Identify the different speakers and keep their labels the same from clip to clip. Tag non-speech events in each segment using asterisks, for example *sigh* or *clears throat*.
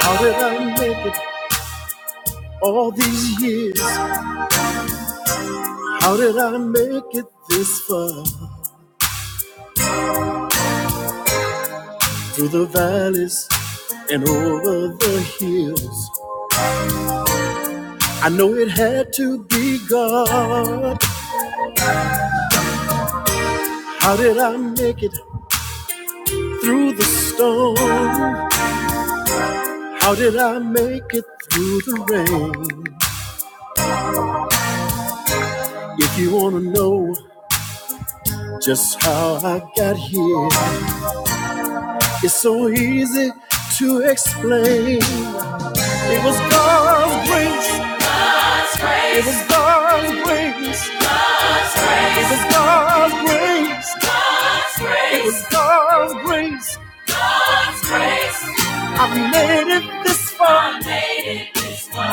Speaker 1: How did I make it all these years? How did I make it this far? Through the valleys and over the hills. I know it had to be God. How did I make it through the storm? How did I make it through the rain? If you wanna know just how I got here, it's so easy to explain. It was God's grace God's grace. It is God's grace. God's grace. It is God's grace. God's grace. It is God's grace. God's grace. I've made it this far I made it this far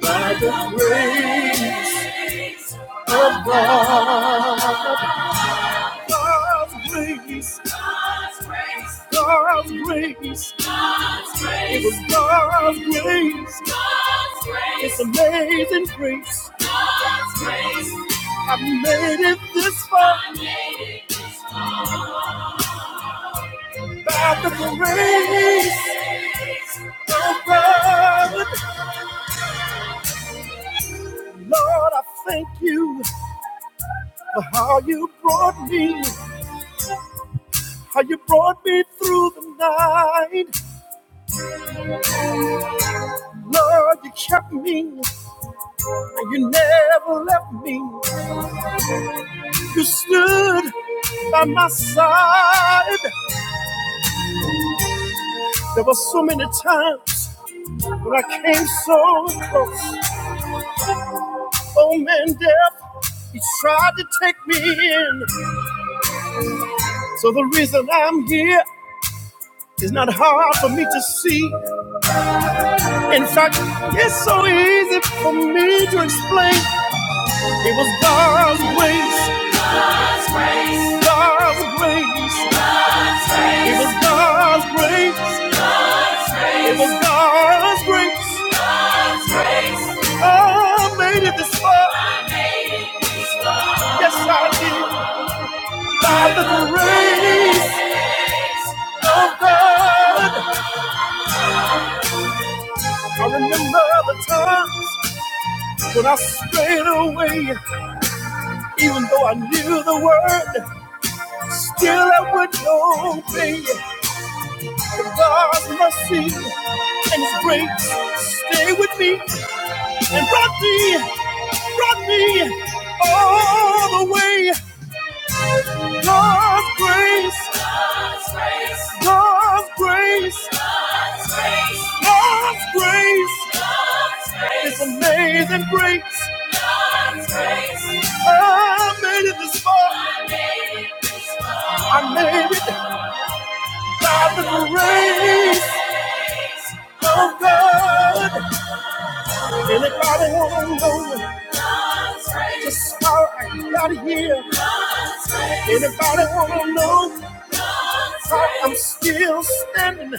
Speaker 1: by the grace of God. God's grace. God's grace. God's grace. God's grace. It was God's grace. God's grace. It's amazing grace. God's grace. I made it this far. I made it this far. By the grace of God. Lord, I thank you for how you brought me, how you brought me through the night. Lord, you kept me, you never left me. You stood by my side. There were so many times when I came so close. Oh man, death, he tried to take me in. So the reason I'm here is not hard for me to see. In fact, it's so easy for me to explain. It was God's grace. God's grace, God's grace. It was God's grace. It was grace, God's grace. God's grace. I made it this far. Yes, I did. By the grace of God. I remember the times when I strayed away. Even though I knew the word, still I would obey. God's mercy and His grace stay with me and brought me, brought me all the way. God's grace, God's grace, God's grace, God's grace, God's grace, God's grace. It's amazing grace. God's grace. I made it this far. I made it. this far. I made it. by the grace of God. Anybody want to know just how I got here? Anybody want to know how I'm still standing?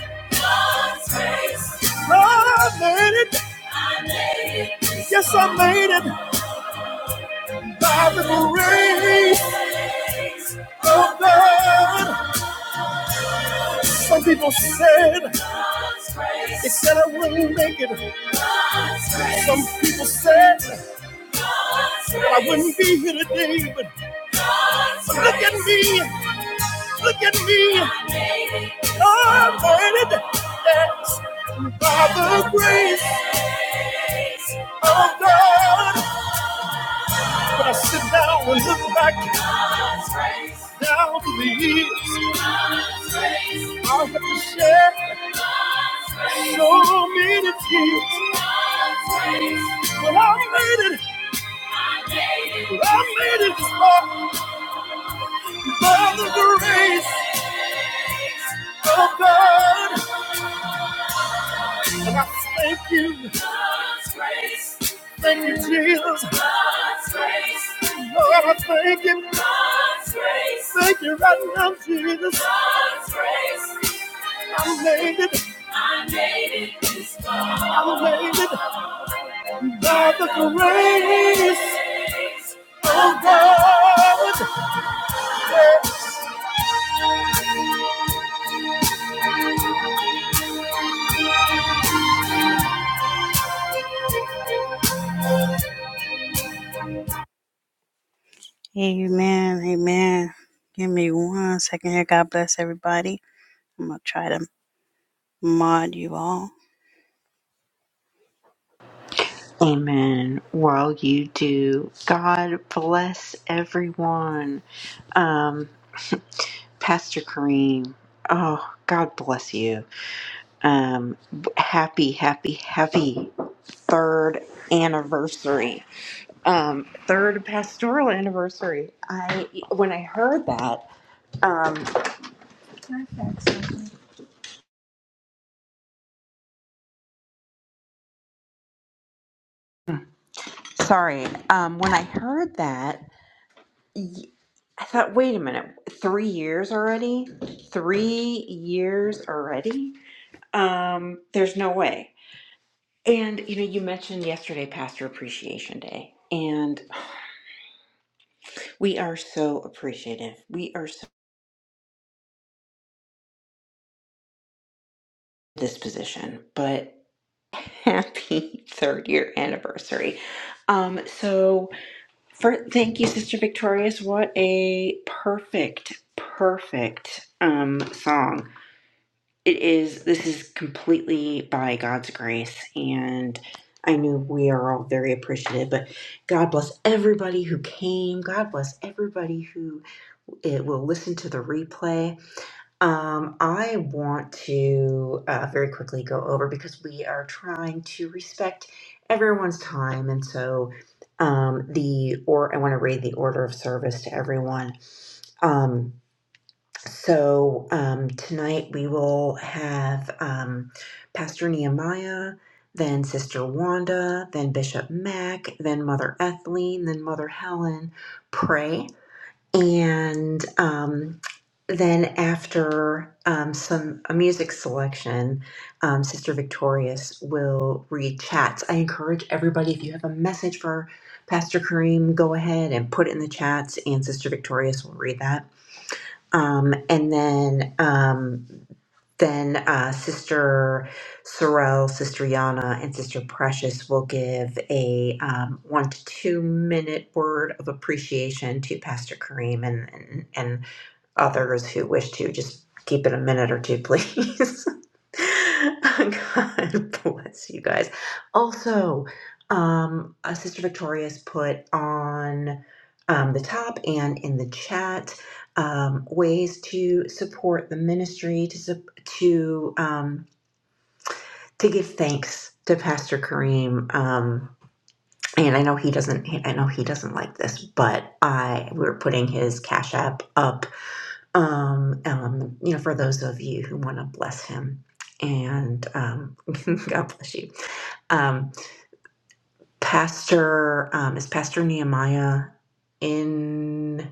Speaker 1: I made it. Yes, I made it by the grace of God. Some people said they said I wouldn't make it. Some people said I wouldn't be here today, but but look at me, look at me. i made it. That's by the grace of God. But I sit down and look back down to the years I have to share so many tears. But I made it, but I made it by, by the grace of God. And I thank you. God's grace. Thank you, Jesus. God's grace. Lord, I thank you. God's grace. Thank you right now, Jesus. God's grace. I made it. I made it this far. I made it by the grace of God. Amen. Amen. Give me one second here. God bless everybody. I'm going to try to mod you all.
Speaker 2: Amen. Well, you do. God bless everyone. Um, Pastor Kareem, oh, God bless you. Um, b- happy, happy, happy third anniversary. Um, third pastoral anniversary. I when I heard that, um, sorry, um, when I heard that, y- I thought, wait a minute, three years already? Three years already? Um, there's no way. And you know, you mentioned yesterday Pastor Appreciation Day, and we are so appreciative. We are so this position, but happy *laughs* third year anniversary. Um, so for thank you, Sister Victorious. What a perfect, perfect um song. it is this is completely by god's grace and i know we are all very appreciative but god bless everybody who came god bless everybody who it will listen to the replay um, i want to uh, very quickly go over because we are trying to respect everyone's time and so um, the or i want to read the order of service to everyone Um, so um, tonight we will have um, Pastor Nehemiah, then Sister Wanda, then Bishop Mack, then Mother Ethelene, then Mother Helen pray. And um, then after um, some a music selection, um, Sister Victorious will read chats. I encourage everybody if you have a message for Pastor Kareem, go ahead and put it in the chats, and Sister Victorious will read that. Um, and then um, then uh, Sister Sorrel, Sister Yana, and Sister Precious will give a um, one to two minute word of appreciation to Pastor Kareem and, and, others who wish to just keep it a minute or two, please. *laughs* God bless you guys. Also, um, uh, Sister Victoria's put on um, the top and in the chat um, ways to support the ministry to to um, to give thanks to Pastor Kareem. Um, and I know he doesn't. I know he doesn't like this, but I we're putting his cash app up um, um, you know, for those of you who want to bless him. And um, *laughs* God bless you. Um, Pastor, um, is Pastor Nehemiah in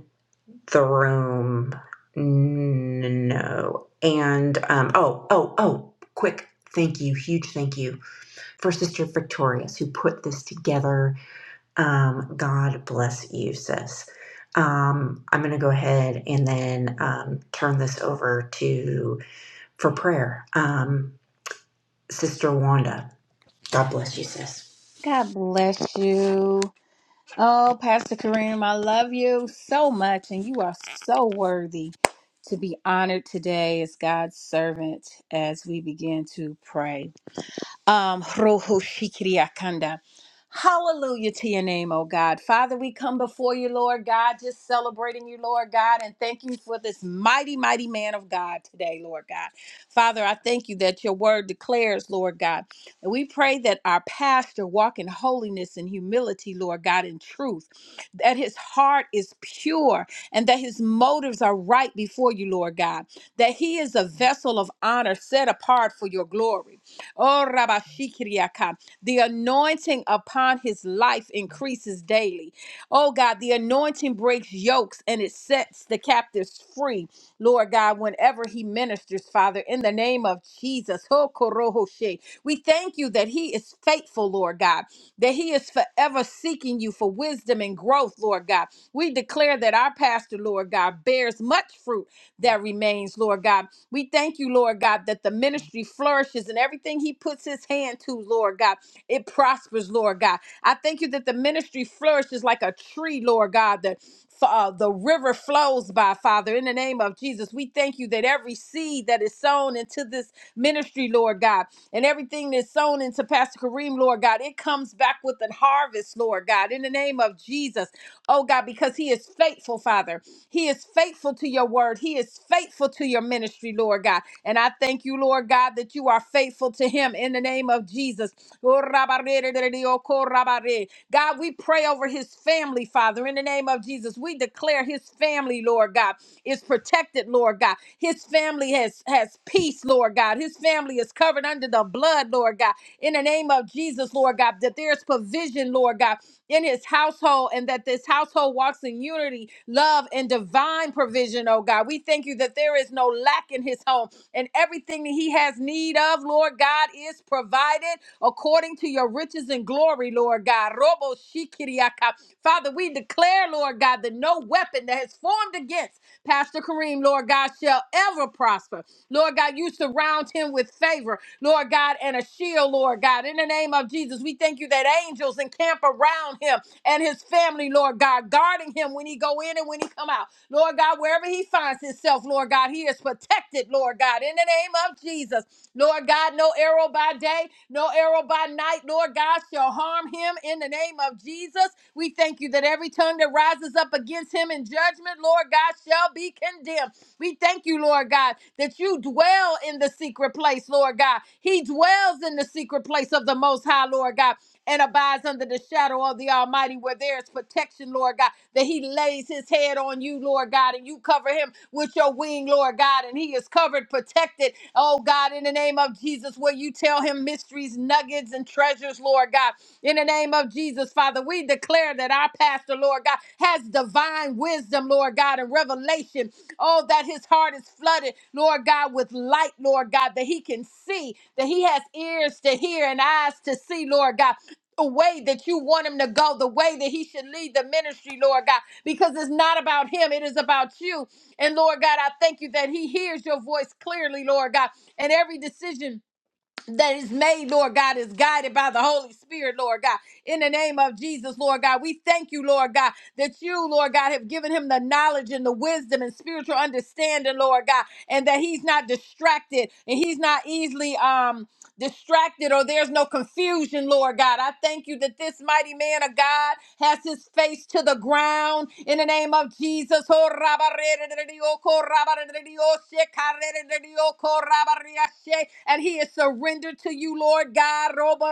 Speaker 2: the room? No. And um, oh, oh, oh, quick thank you, huge thank you for Sister Victorious who put this together. Um, God bless you, sis. Um, I'm going to go ahead and then um, turn this over to for prayer. Um, Sister Wanda. God bless you, sis.
Speaker 3: God bless you. Oh, Pastor Kareem, I love you so much, and you are so worthy to be honored today as God's servant as we begin to pray. Um, Roho Shikiriakanda. Hallelujah to your name, oh God. Father, we come before you, Lord God, just celebrating you, Lord God, and thank you for this mighty, mighty man of God today, Lord God. Father, I thank you that your word declares, Lord God. And we pray that our pastor walk in holiness and humility, Lord God, in truth, that his heart is pure and that his motives are right before you, Lord God, that he is a vessel of honor set apart for your glory. Oh, Rabashikiriaka. The anointing upon his life increases daily. Oh, God, the anointing breaks yokes and it sets the captives free, Lord God, whenever he ministers, Father, in the name of Jesus. Oh, Korohoshe. We thank you that he is faithful, Lord God, that he is forever seeking you for wisdom and growth, Lord God. We declare that our pastor, Lord God, bears much fruit that remains, Lord God. We thank you, Lord God, that the ministry flourishes and everything he puts his hand to, Lord God, it prospers, Lord God. I thank you that the ministry flourishes like a tree, Lord God, that uh, the river flows by, Father, in the name of Jesus. We thank you that every seed that is sown into this ministry, Lord God, and everything that's sown into Pastor Kareem, Lord God, it comes back with a harvest, Lord God, in the name of Jesus oh God, because He is faithful, Father. He is faithful to your word. He is faithful to your ministry, Lord God. And I thank you, Lord God, that you are faithful to Him in the name of Jesus. Oh, rabarererere, oh, korabare. God, we pray over his family, Father, in the name of Jesus. We declare his family, Lord God, is protected, Lord God. His family has, has peace, Lord God. His family is covered under the blood, Lord God. In the name of Jesus, Lord God, that there's provision, Lord God, in his household and that this household walks in unity, love, and divine provision, oh God. We thank you that there is no lack in his home and everything everything that he has need of, Lord God, is provided according to your riches and glory, Lord God. Robo shikiriaka. Father, we declare, Lord God, that no weapon that has formed against Pastor Kareem, Lord God, shall ever prosper. Lord God, you surround him with favor, Lord God, and a shield, Lord God. In the name of Jesus, we thank you that angels encamp around him and his family, Lord God, guarding him when he go in and when he come out. Lord God, wherever he finds himself, Lord God, he is protected, Lord God, in the name of Jesus. Lord God, no arrow by day, no arrow by night, Lord God, shall harm him in the name of Jesus. We thank you that every tongue that rises up against him in judgment, Lord God, shall be condemned. We thank you, Lord God, that you dwell in the secret place, Lord God. He dwells in the secret place of the Most High, Lord God and abides under the shadow of the Almighty, where there is protection, Lord God, that He lays His head on you, Lord God, and you cover Him with your wing, Lord God, and He is covered, protected, oh God, in the name of Jesus, where you tell Him mysteries, nuggets, and treasures, Lord God, in the name of Jesus, Father, we declare that our pastor, Lord God, has divine wisdom, Lord God, and revelation. Oh, that his heart is flooded, Lord God, with light, Lord God, that he can see, that he has ears to hear and eyes to see, Lord God, the way that you want him to go, the way that he should lead the ministry, Lord God, because it's not about him, it is about you. And Lord God, I thank you that he hears your voice clearly, Lord God, and every decision. That is made, Lord God, is guided by the Holy Spirit, Lord God. In the name of Jesus, Lord God, we thank you, Lord God, that you, Lord God, have given him the knowledge and the wisdom and spiritual understanding, Lord God, and that he's not distracted and he's not easily um distracted or there's no confusion, Lord God. I thank you that this mighty man of God has his face to the ground in the name of Jesus. Oh, rabba, oh, ko, rabba, re, oh, oh, ko, rabba, ah, And he is surrendered to you, Lord God. Robo,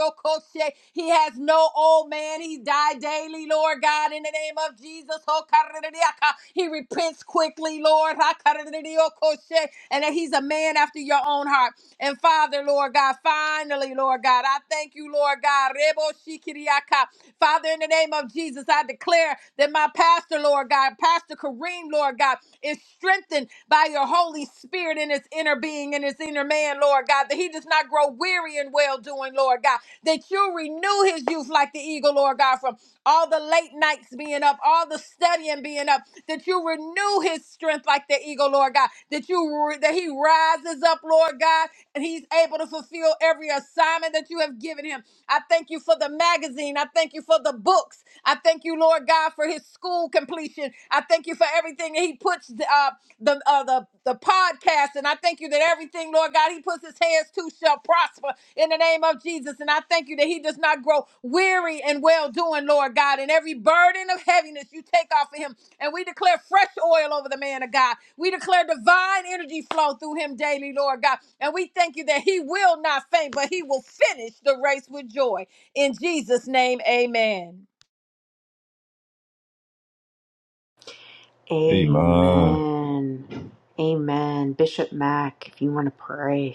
Speaker 3: oh, ko, she. He has no old man. He died daily, Lord God, in the name of Jesus. Oh, ka, ah, he repents quickly, Lord. And that he's a man after your own heart. And Father, Lord God, finally, Lord God, I thank you, Lord God. Rebo shikiriaka. Father, in the name of Jesus, I declare that my pastor, Lord God, Pastor Kareem, Lord God, is strengthened by your Holy Spirit in his inner being, in his inner man, Lord God, that he does not grow weary in well doing, Lord God, that you renew his youth like the eagle, Lord God, from all the late nights being up, all the studying being up, that you renew his strength like the eagle, Lord God, that you that he rises up, Lord God, and he's able to fulfill every assignment that you have given him. I thank you for the magazine. I thank you for the books. I thank you, Lord God, for his school completion. I thank you for everything that he puts uh, the uh, the the podcast, and I thank you that everything, Lord God, he puts his hands to shall prosper in the name of Jesus. And I thank you that he does not grow weary and well doing, Lord God. And every burden of heaviness you take off of him. And we declare fresh oil over the man of God. We declare divine energy flow through him daily, Lord God. And we thank you that he will not faint, but he will finish the race with joy. In Jesus' name, amen.
Speaker 4: Hey, man.
Speaker 2: Amen. Amen. Bishop Mack, if you want to pray.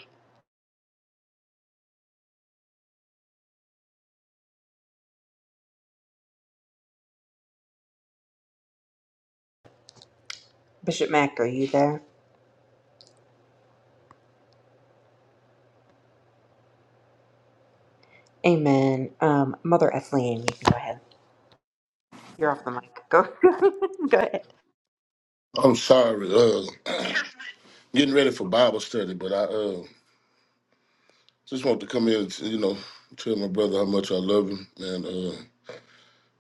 Speaker 2: Bishop Mack, are you there? Amen. Um, Mother Ethelene, you can go ahead. You're off the mic. Go, *laughs* go ahead.
Speaker 5: I'm sorry. Uh, getting ready for Bible study, but I uh, just want to come in and you know tell my brother how much I love him and uh,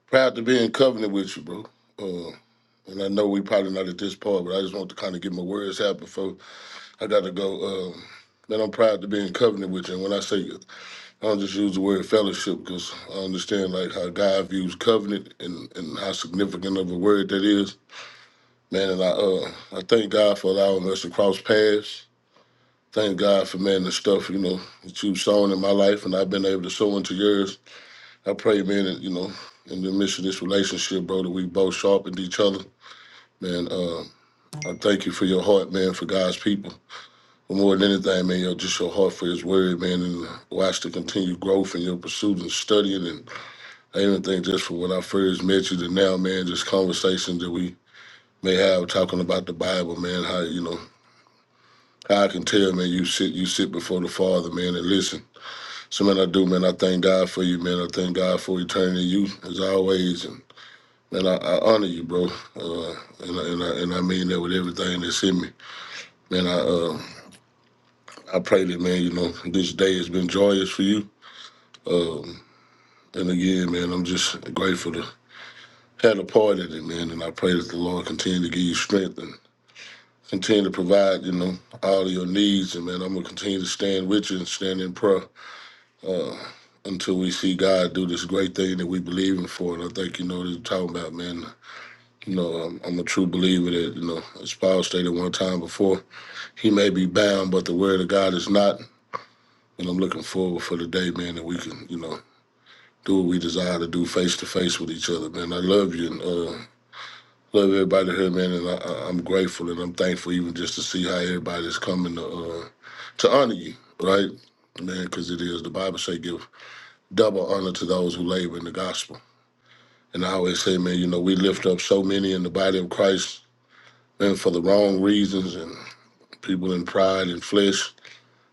Speaker 5: proud to be in covenant with you, bro. Uh, and I know we probably not at this part, but I just want to kind of get my words out before I got to go. Um, that I'm proud to be in covenant with you. And when I say, I don't just use the word fellowship because I understand like how God views covenant and, and how significant of a word that is. Man, and I uh I thank God for allowing us to cross paths Thank God for man the stuff, you know, that you've sown in my life and I've been able to sow into yours. I pray, man, that, you know, in the midst of this relationship, bro, that we both sharpened each other. Man, uh, I thank you for your heart, man, for God's people. But more than anything, man, yo, just your heart for his word, man, and watch the continued growth in your pursuit and studying. And I even think just from when I first met you to now, man, just conversations that we may have talking about the Bible, man, how, you know, how I can tell, man, you sit you sit before the Father, man, and listen. So man, I do, man. I thank God for you, man. I thank God for eternity, you as always, and man, I, I honor you, bro. Uh, and I, and I, and I mean that with everything that's in me, man. I uh, I pray that, man. You know, this day has been joyous for you. Um, and again, man, I'm just grateful to had a part in it, man. And I pray that the Lord continue to give you strength and continue to provide, you know, all of your needs. And man, I'm gonna continue to stand with you and stand in prayer until we see God do this great thing that we believe in for. And I think you know what I'm talking about, man. You know, I'm, I'm a true believer that, you know, as Paul stated one time before, he may be bound, but the word of God is not. And I'm looking forward for the day, man, that we can, you know, do what we desire to do face to face with each other, man. I love you and uh, love everybody here, man. And I, I- I'm grateful and I'm thankful even just to see how everybody's coming to, uh, to honor you, right? Man, because it is the Bible say give double honor to those who labor in the gospel. And I always say, man, you know, we lift up so many in the body of Christ, man, for the wrong reasons people in pride and flesh,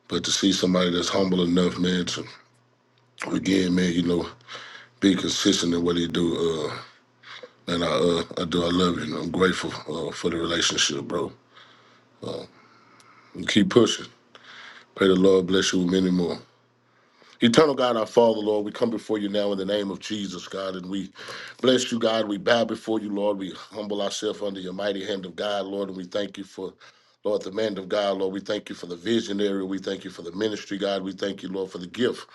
Speaker 5: but to see somebody that's humble enough, man, to again, man, you know, be consistent in what he do. Uh, and I, uh, I do, I love you. And I'm grateful uh, for the relationship, bro. And keep pushing. Pray the Lord bless you with many more. Eternal God, our Father, Lord, we come before you now in the name of Jesus, God, and we bless you, God. We bow before you, Lord. We humble ourselves under your mighty hand of God, Lord, and we thank you for Lord, the man of God, Lord, we thank you for the visionary. We thank you for the ministry, God. We thank you, Lord, for the gift.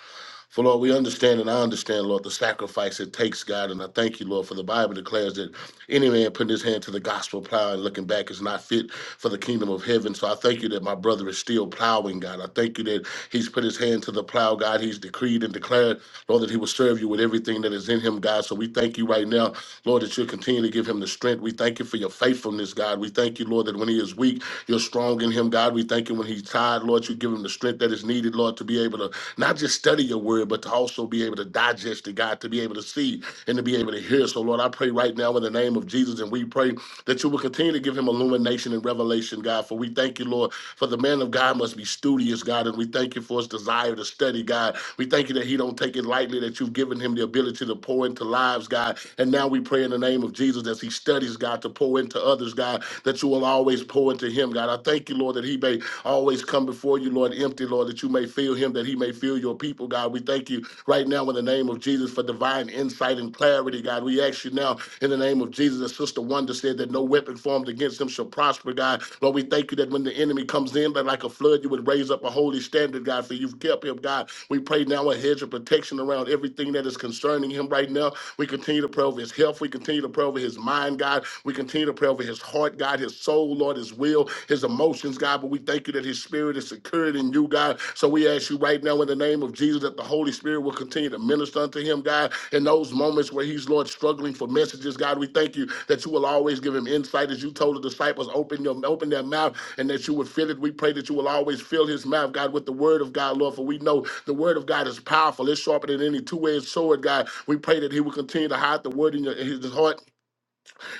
Speaker 5: For Lord, we understand and I understand, Lord, the sacrifice it takes, God. And I thank you, Lord, for the Bible declares that any man putting his hand to the gospel plow and looking back is not fit for the kingdom of heaven. So I thank you that my brother is still plowing, God. I thank you that he's put his hand to the plow, God. He's decreed and declared, Lord, that he will serve you with everything that is in him, God. So we thank you right now, Lord, that you'll continue to give him the strength. We thank you for your faithfulness, God. We thank you, Lord, that when he is weak, you're strong in him, God. We thank you when he's tired, Lord, you give him the strength that that is needed, Lord, to be able to not just study your word, but to also be able to digest it, God, to be able to see and to be able to hear. So, Lord, I pray right now in the name of Jesus, and we pray that you will continue to give him illumination and revelation, God. For we thank you, Lord, for the man of God must be studious, God, and we thank you for his desire to study, God. We thank you that he don't take it lightly, that you've given him the ability to pour into lives, God. And now we pray in the name of Jesus as he studies, God, to pour into others, God, that you will always pour into him, God. I thank you, Lord. Lord, that he may always come before you, Lord, empty, Lord, that you may fill him, that he may fill your people, God. We thank you right now in the name of Jesus for divine insight and clarity, God. We ask you now in the name of Jesus, as Sister Wonder said, that no weapon formed against him shall prosper, God. Lord, we thank you that when the enemy comes in, that like a flood, you would raise up a holy standard, God, for you've kept him, God. We pray now a hedge of protection around everything that is concerning him right now. We continue to pray over his health. We continue to pray over his mind, God. We continue to pray over his heart heart, God, his soul, Lord, his will, his emotions, God. But we thank you that his spirit is secured in you, God. So we ask you right now in the name of Jesus that the Holy Spirit will continue to minister unto him, God, in those moments where he's, Lord, struggling for messages, God. We thank you that you will always give him insight as you told the disciples, open your open their mouth and that you would fill it. We pray that you will always fill his mouth, God, with the word of God, Lord, for we know the word of God is powerful. It's sharper than any two-edged sword, God. We pray that he will continue to hide the word in your, in his heart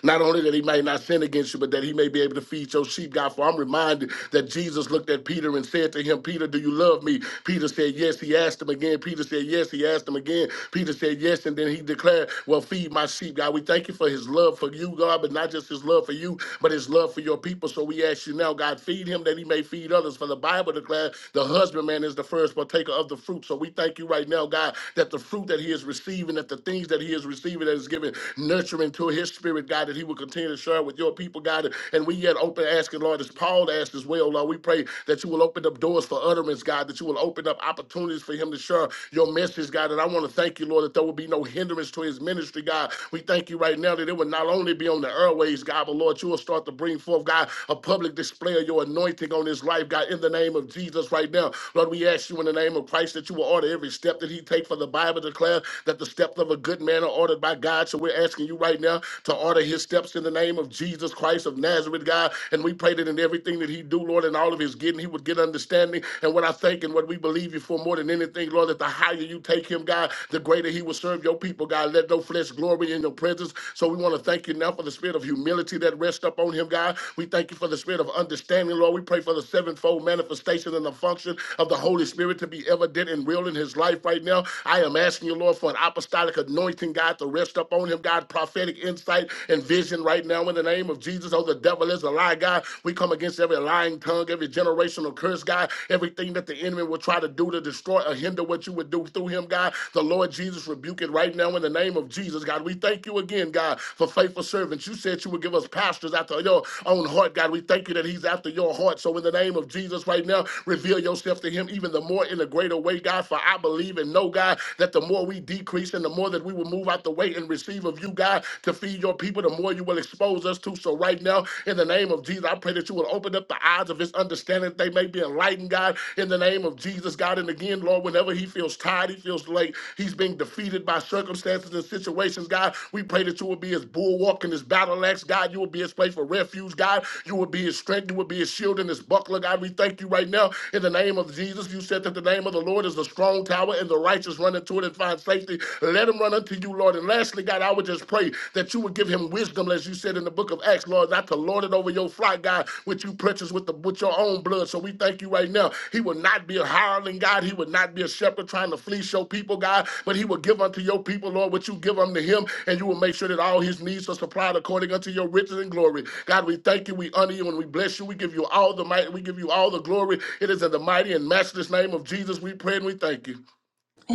Speaker 5: not only that he might not sin against you, but that he may be able to feed your sheep, God. For I'm reminded that Jesus looked at Peter and said to him, Peter, do you love me? Peter said, Yes. He asked him again. Peter said, Yes. He asked him again. Peter said, Yes. And then he declared, Well, feed my sheep, God. We thank you for his love for you, God, but not just his love for you, but his love for your people. So we ask you now, God, feed him that he may feed others. For the Bible declares the husbandman is the first partaker of the fruit. So we thank you right now, God, that the fruit that he is receiving, that the things that he is receiving, that is given, nurturing him into his spirit, God, that he will continue to share with your people, God. And we yet open asking, Lord, as Paul asked as well, Lord, we pray that you will open up doors for utterance, God, that you will open up opportunities for him to share your message, God. And I want to thank you, Lord, that there will be no hindrance to his ministry, God. We thank you right now that it will not only be on the airways, God, but Lord, you will start to bring forth, God, a public display of your anointing on his life, God, in the name of Jesus right now. Lord, we ask you in the name of Christ that you will order every step that he take for the Bible declares that the steps of a good man are ordered by God. God. So we're asking you right now to order his steps in the name of Jesus Christ of Nazareth, God. And we pray that in everything that he do, Lord, in all of his getting, he would get understanding. And what I think and what we believe you for more than anything, Lord, that the higher you take him, God, the greater he will serve your people, God. Let no flesh glory in your presence. So we want to thank you now for the spirit of humility that rests upon him, God. We thank you for the spirit of understanding, Lord. We pray for the sevenfold manifestation and the function of the Holy Spirit to be evident and real in his life right now. I am asking you, Lord, for an apostolic anointing anointing, God, to rest up on him, God, prophetic insight and vision right now in the name of Jesus. Oh, the devil is a lie, God. We come against every lying tongue, every generational curse, God, everything that the enemy will try to do to destroy or hinder what you would do through him, God. The Lord Jesus rebuke it right now in the name of Jesus, God. We thank you again, God, for faithful servants. You said you would give us pastors after your own heart, God. We thank you that he's after your heart. So in the name of Jesus right now, reveal yourself to him even the more in a greater way, God, for I believe and know, God, that the more we deep decrease and the more that we will move out the way and receive of you, God, to feed your people, the more you will expose us to. So right now, in the name of Jesus, I pray that you will open up the eyes of his understanding that they may be enlightened, God, in the name of Jesus, God. And again, Lord, whenever he feels tired, he feels late, he's being defeated by circumstances and situations, God, we pray that you will be his bulwark and his battle axe, God. You will be his place for refuge, God. You will be his strength. You will be his shield and his buckler, God. We thank you right now in the name of Jesus. You said that the name of the Lord is a strong tower and the righteous run and 25 safety. Let him run unto you, Lord. And lastly, God, I would just pray that you would give him wisdom, as you said in the book of Acts, Lord, not to lord it over your flock, God, which you purchased with the with your own blood. So we thank you right now. He will not be a hireling, God. He would not be a shepherd trying to fleece your people, God, but he will give unto your people, Lord, what you give unto him, and you will make sure that all his needs are supplied according unto your riches and glory. God, we thank you, we honor you, and we bless you. We give you all the might, we give you all the glory. It is in the mighty and matchless name of Jesus we pray and we thank you.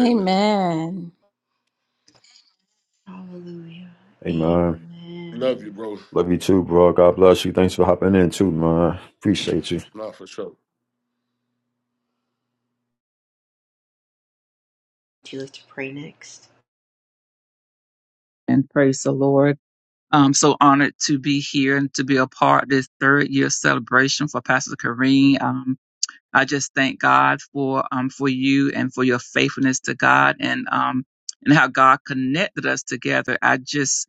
Speaker 5: Amen.
Speaker 2: Hallelujah.
Speaker 4: Hey, man.
Speaker 2: Amen.
Speaker 5: Love you, bro.
Speaker 4: Love you too, bro. God bless you. Thanks for hopping in too, man. Appreciate you.
Speaker 5: Not for sure.
Speaker 2: Would you like to pray next?
Speaker 6: and praise the Lord. I'm so honored to be here and to be a part of this third year celebration for Pastor Kareem. Um, I just thank God for um for you and for your faithfulness to God and um and how God connected us together. I just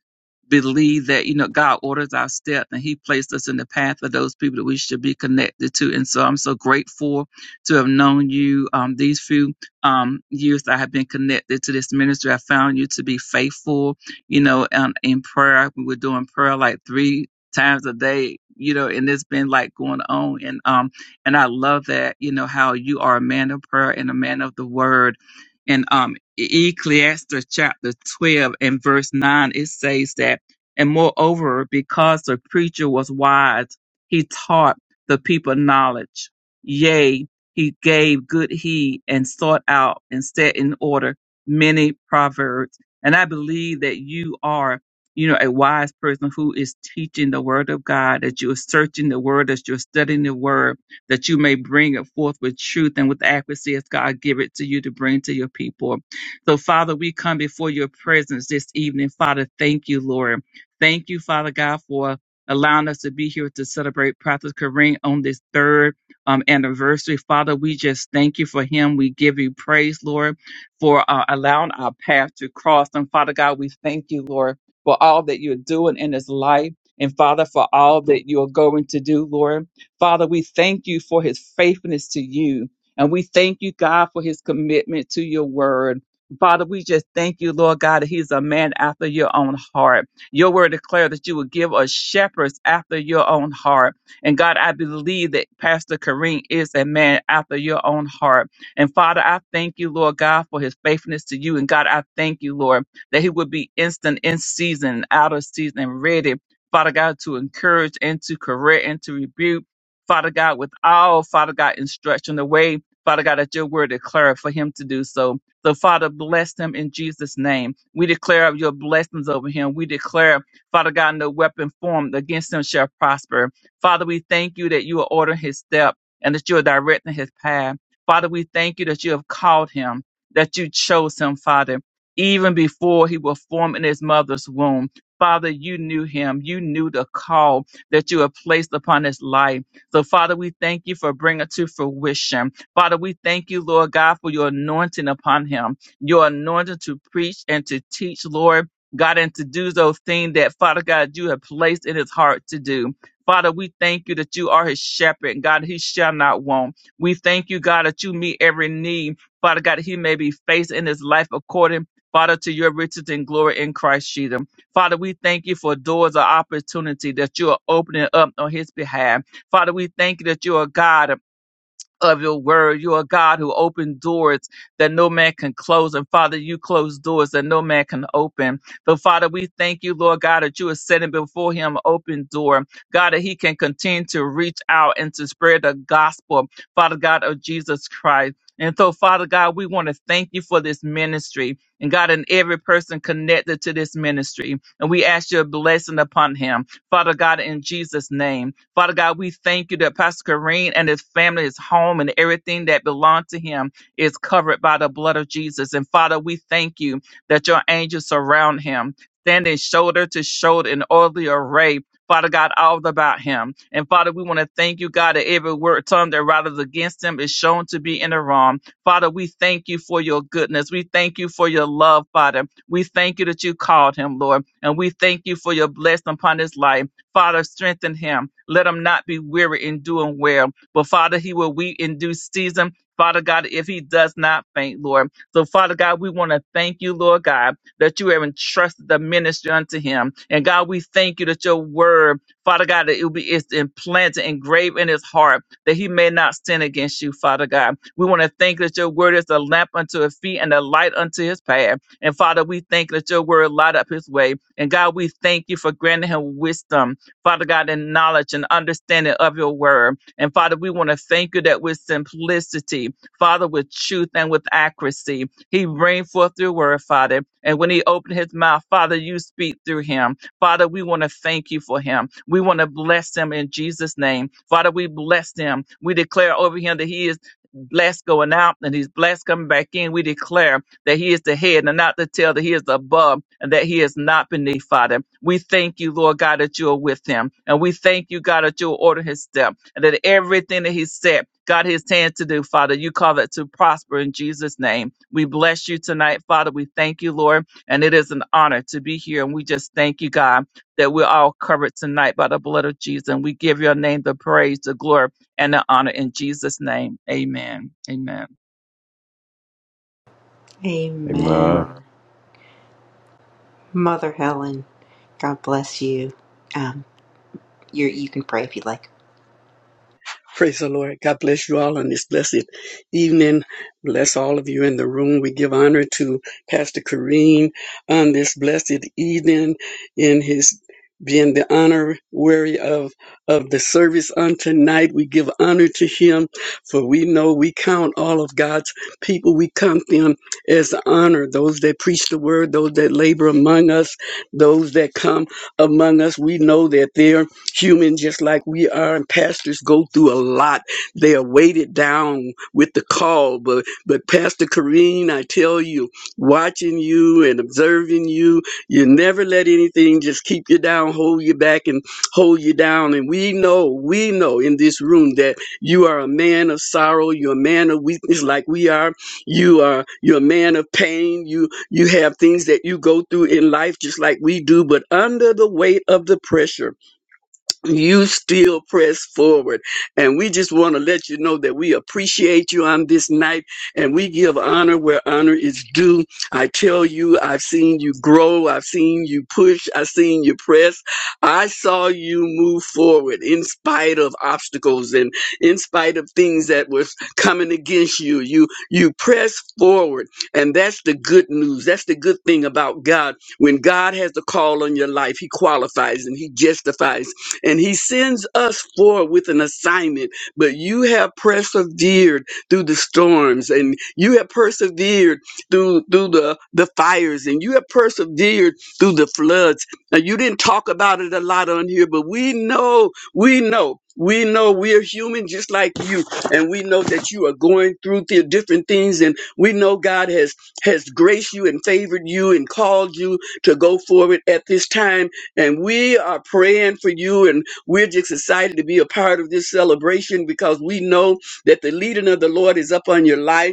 Speaker 6: believe that you know God orders our steps and He placed us in the path of those people that we should be connected to. And so I'm so grateful to have known you um, these few um, years that I have been connected to this ministry. I found you to be faithful. You know, um, in prayer we were doing prayer like three times a day. You know, and it's been like going on and um and I love that, you know, how you are a man of prayer and a man of the word. And um E-, Ecclesiastes chapter 12 and verse 9, it says that, and moreover, because the preacher was wise, he taught the people knowledge. Yea, he gave good heed and sought out and set in order many proverbs. And I believe that you are, you know, a wise person who is teaching the word of God, that you're searching the word, that you're studying the word that you may bring it forth with truth and with accuracy as God give it to you to bring to your people. So, Father, we come before your presence this evening. Father, thank you, Lord. Thank you, Father God, for allowing us to be here to celebrate Prophet Kareem on this third um, anniversary. Father, we just thank you for him. We give you praise, Lord, for uh, allowing our path to cross. And Father God, we thank you, Lord, for all that you're doing in his life. And Father, for all that you're going to do, Lord. Father, we thank you for his faithfulness to you. And we thank you, God, for his commitment to your word. Father, we just thank you, Lord God, that he's a man after your own heart. Your word declared that you would give us shepherds after your own heart. And God, I believe that Pastor Kareem is a man after your own heart. And Father, I thank you, Lord God, for his faithfulness to you. And God, I thank you, Lord, that he would be instant in season, out of season, and ready. Father God, to encourage and to correct and to rebuke. Father God, with all, Father God, instruction, the way, Father God, that your word declared for him to do so. So, Father, bless him in Jesus' name. We declare of your blessings over him. We declare, Father God, no weapon formed against him shall prosper. Father, we thank you that you are ordering his step and that you are directing his path. Father, we thank you that you have called him, that you chose him, Father, even before he was formed in his mother's womb. Father, you knew him. You knew the call that you have placed upon his life. So, Father, we thank you for bringing to fruition. Father, we thank you, Lord God, for your anointing upon him, your anointing to preach and to teach, Lord God, and to do those things that, Father God, you have placed in his heart to do. Father, we thank you that you are his shepherd, and God, he shall not want. We thank you, God, that you meet every need. Father God, he may be faced in his life according, Father, to your riches and glory in Christ Jesus. Father, we thank you for doors of opportunity that you are opening up on his behalf. Father, we thank you that you're a God of your word. You're a God who opened doors that no man can close. And Father, you close doors that no man can open. But Father, we thank you, Lord God, that you are setting before him an open door. God, that he can continue to reach out and to spread the gospel, Father God, of Jesus Christ. And so, Father God, we want to thank you for this ministry and God and every person connected to this ministry. And we ask your blessing upon him, Father God, in Jesus' name. Father God, we thank you that Pastor Kareem and his family, his home, and everything that belonged to him is covered by the blood of Jesus. And Father, we thank you that your angels surround him, standing shoulder to shoulder in orderly array. Father God, all about him. And Father, we want to thank you, God, that every word tongue that rises against him is shown to be in the wrong. Father, we thank you for your goodness. We thank you for your love, Father. We thank you that you called him, Lord. And we thank you for your blessing upon his life. Father, strengthen him. Let him not be weary in doing well. But Father, he will weep in due season. Father God, if he does not faint, Lord. So, Father God, we want to thank you, Lord God, that you have entrusted the ministry unto him. And God, we thank you that your word, Father God, that it will be it's implanted, engraved in his heart, that he may not sin against you, Father God. We want to thank that your word is a lamp unto his feet and a light unto his path. And Father, we thank that your word light up his way. And God, we thank you for granting him wisdom Father God, in knowledge and understanding of your word. And Father, we want to thank you that with simplicity, Father, with truth and with accuracy, he bring forth your word, Father. And when he opened his mouth, Father, you speak through him. Father, we want to thank you for him. We want to bless him in Jesus' name. Father, we bless him. We declare over him that he is blessed going out and he's blessed coming back in. We declare that he is the head and not the tail, that he is above and that he is not beneath, Father. We thank you, Lord God, that you are with him. And we thank you, God, that you will order his step and that everything that he said, God, his hands to do, Father, you call it to prosper in Jesus' name. We bless you tonight, Father. We thank you, Lord. And it is an honor to be here. And we just thank you, God, that we're all covered tonight by the blood of Jesus. And we give your name the praise, the glory, and the honor in Jesus' name. Amen. Amen.
Speaker 4: Hey, man.
Speaker 2: Amen. Mother Helen, God bless you. Um, you you can pray if you'd like.
Speaker 7: Praise the Lord. God bless you all on this blessed evening. Bless all of you in the room. We give honor to Pastor Kareem on this blessed evening in his being the honorary of of the service on tonight. We give honor to him, for we know we count all of God's people. We count them as honor. Those that preach the word, those that labor among us, those that come among us. We know that there human just like we are and pastors go through a lot they are weighted down with the call but but pastor Kareen, i tell you watching you and observing you you never let anything just keep you down hold you back and hold you down and we know we know in this room that you are a man of sorrow you're a man of weakness like we are you are you're a man of pain you you have things that you go through in life just like we do but under the weight of the pressure you still press forward. And we just want to let you know that we appreciate you on this night and we give honor where honor is due. I tell you, I've seen you grow. I've seen you push. I've seen you press. I saw you move forward in spite of obstacles and in spite of things that was coming against you. You, you press forward. And that's the good news. That's the good thing about God. When God has a call on your life, he qualifies and he justifies and he sends us forward with an assignment. But you have persevered through the storms, and you have persevered through through the, the fires, and you have persevered through the floods. Now you didn't talk about it a lot on here, but we know, we know. We know we're human just like you, and we know that you are going through the different things, and we know God has has graced you and favored you and called you to go forward at this time and we are praying for you, and we're just excited to be a part of this celebration because we know that the leading of the Lord is up on your life.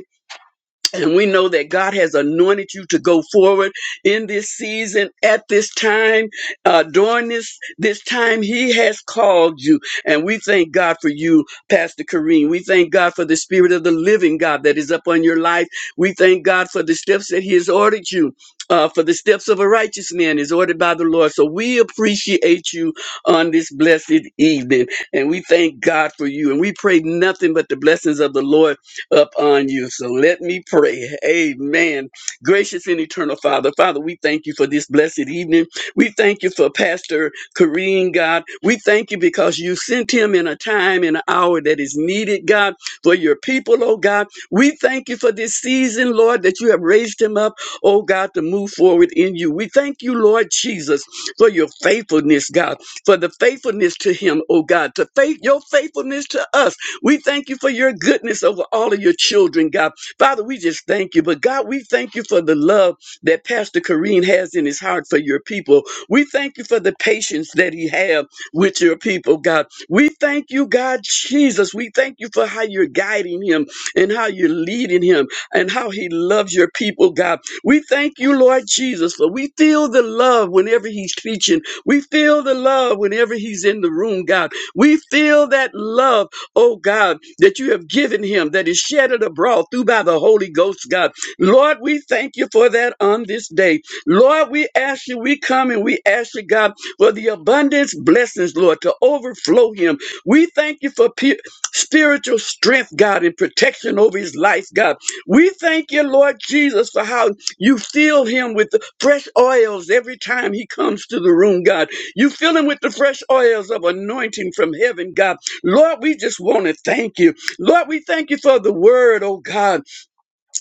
Speaker 7: And we know that God has anointed you to go forward in this season, at this time, uh, during this this time. He has called you, and we thank God for you, Pastor Kareem. We thank God for the Spirit of the Living God that is upon your life. We thank God for the steps that He has ordered you. Uh, for the steps of a righteous man is ordered by the Lord. So we appreciate you on this blessed evening. And we thank God for you. And we pray nothing but the blessings of the Lord upon you. So let me pray. Amen. Gracious and eternal Father, Father, we thank you for this blessed evening. We thank you for Pastor Kareem, God. We thank you because you sent him in a time and an hour that is needed, God, for your people, oh God. We thank you for this season, Lord, that you have raised him up, oh God, to move forward in you. We thank you, Lord Jesus, for your faithfulness, God, for the faithfulness to him, oh God, to faith your faithfulness to us. We thank you for your goodness over all of your children, God. Father, we just thank you. But God, we thank you for the love that Pastor Kareem has in his heart for your people. We thank you for the patience that he have with your people, God. We thank you, God Jesus. We thank you for how you're guiding him and how you're leading him and how he loves your people, God. We thank you, Lord Jesus, for we feel the love whenever he's preaching. We feel the love whenever he's in the room, God. We feel that love oh God, that you have given him that is shattered abroad through by the Holy Ghost, God. Lord, we thank you for that on this day. Lord, we ask you, we come and we ask you, God, for the abundance blessings, Lord, to overflow him. We thank you for pe- spiritual strength, God, and protection over his life, God. We thank you, Lord Jesus, for how you fill him with the fresh oils every time he comes to the room, God. You fill him with the fresh oils of anointing from heaven, God. Lord, we just want to thank you. Lord, we thank you for the word, oh God,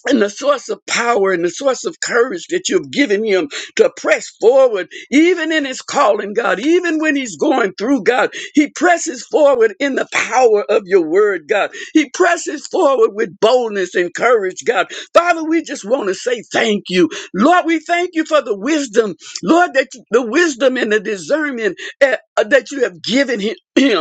Speaker 7: and the source of power and the source of courage that you've given him to press forward, even in his calling, God, even when he's going through, God. He presses forward in the power of your word, God. He presses forward with boldness and courage, God. Father, we just want to say thank you. Lord, we thank you for the wisdom, Lord, that you- the wisdom and the discernment eh, uh, that you have given him. *clears throat*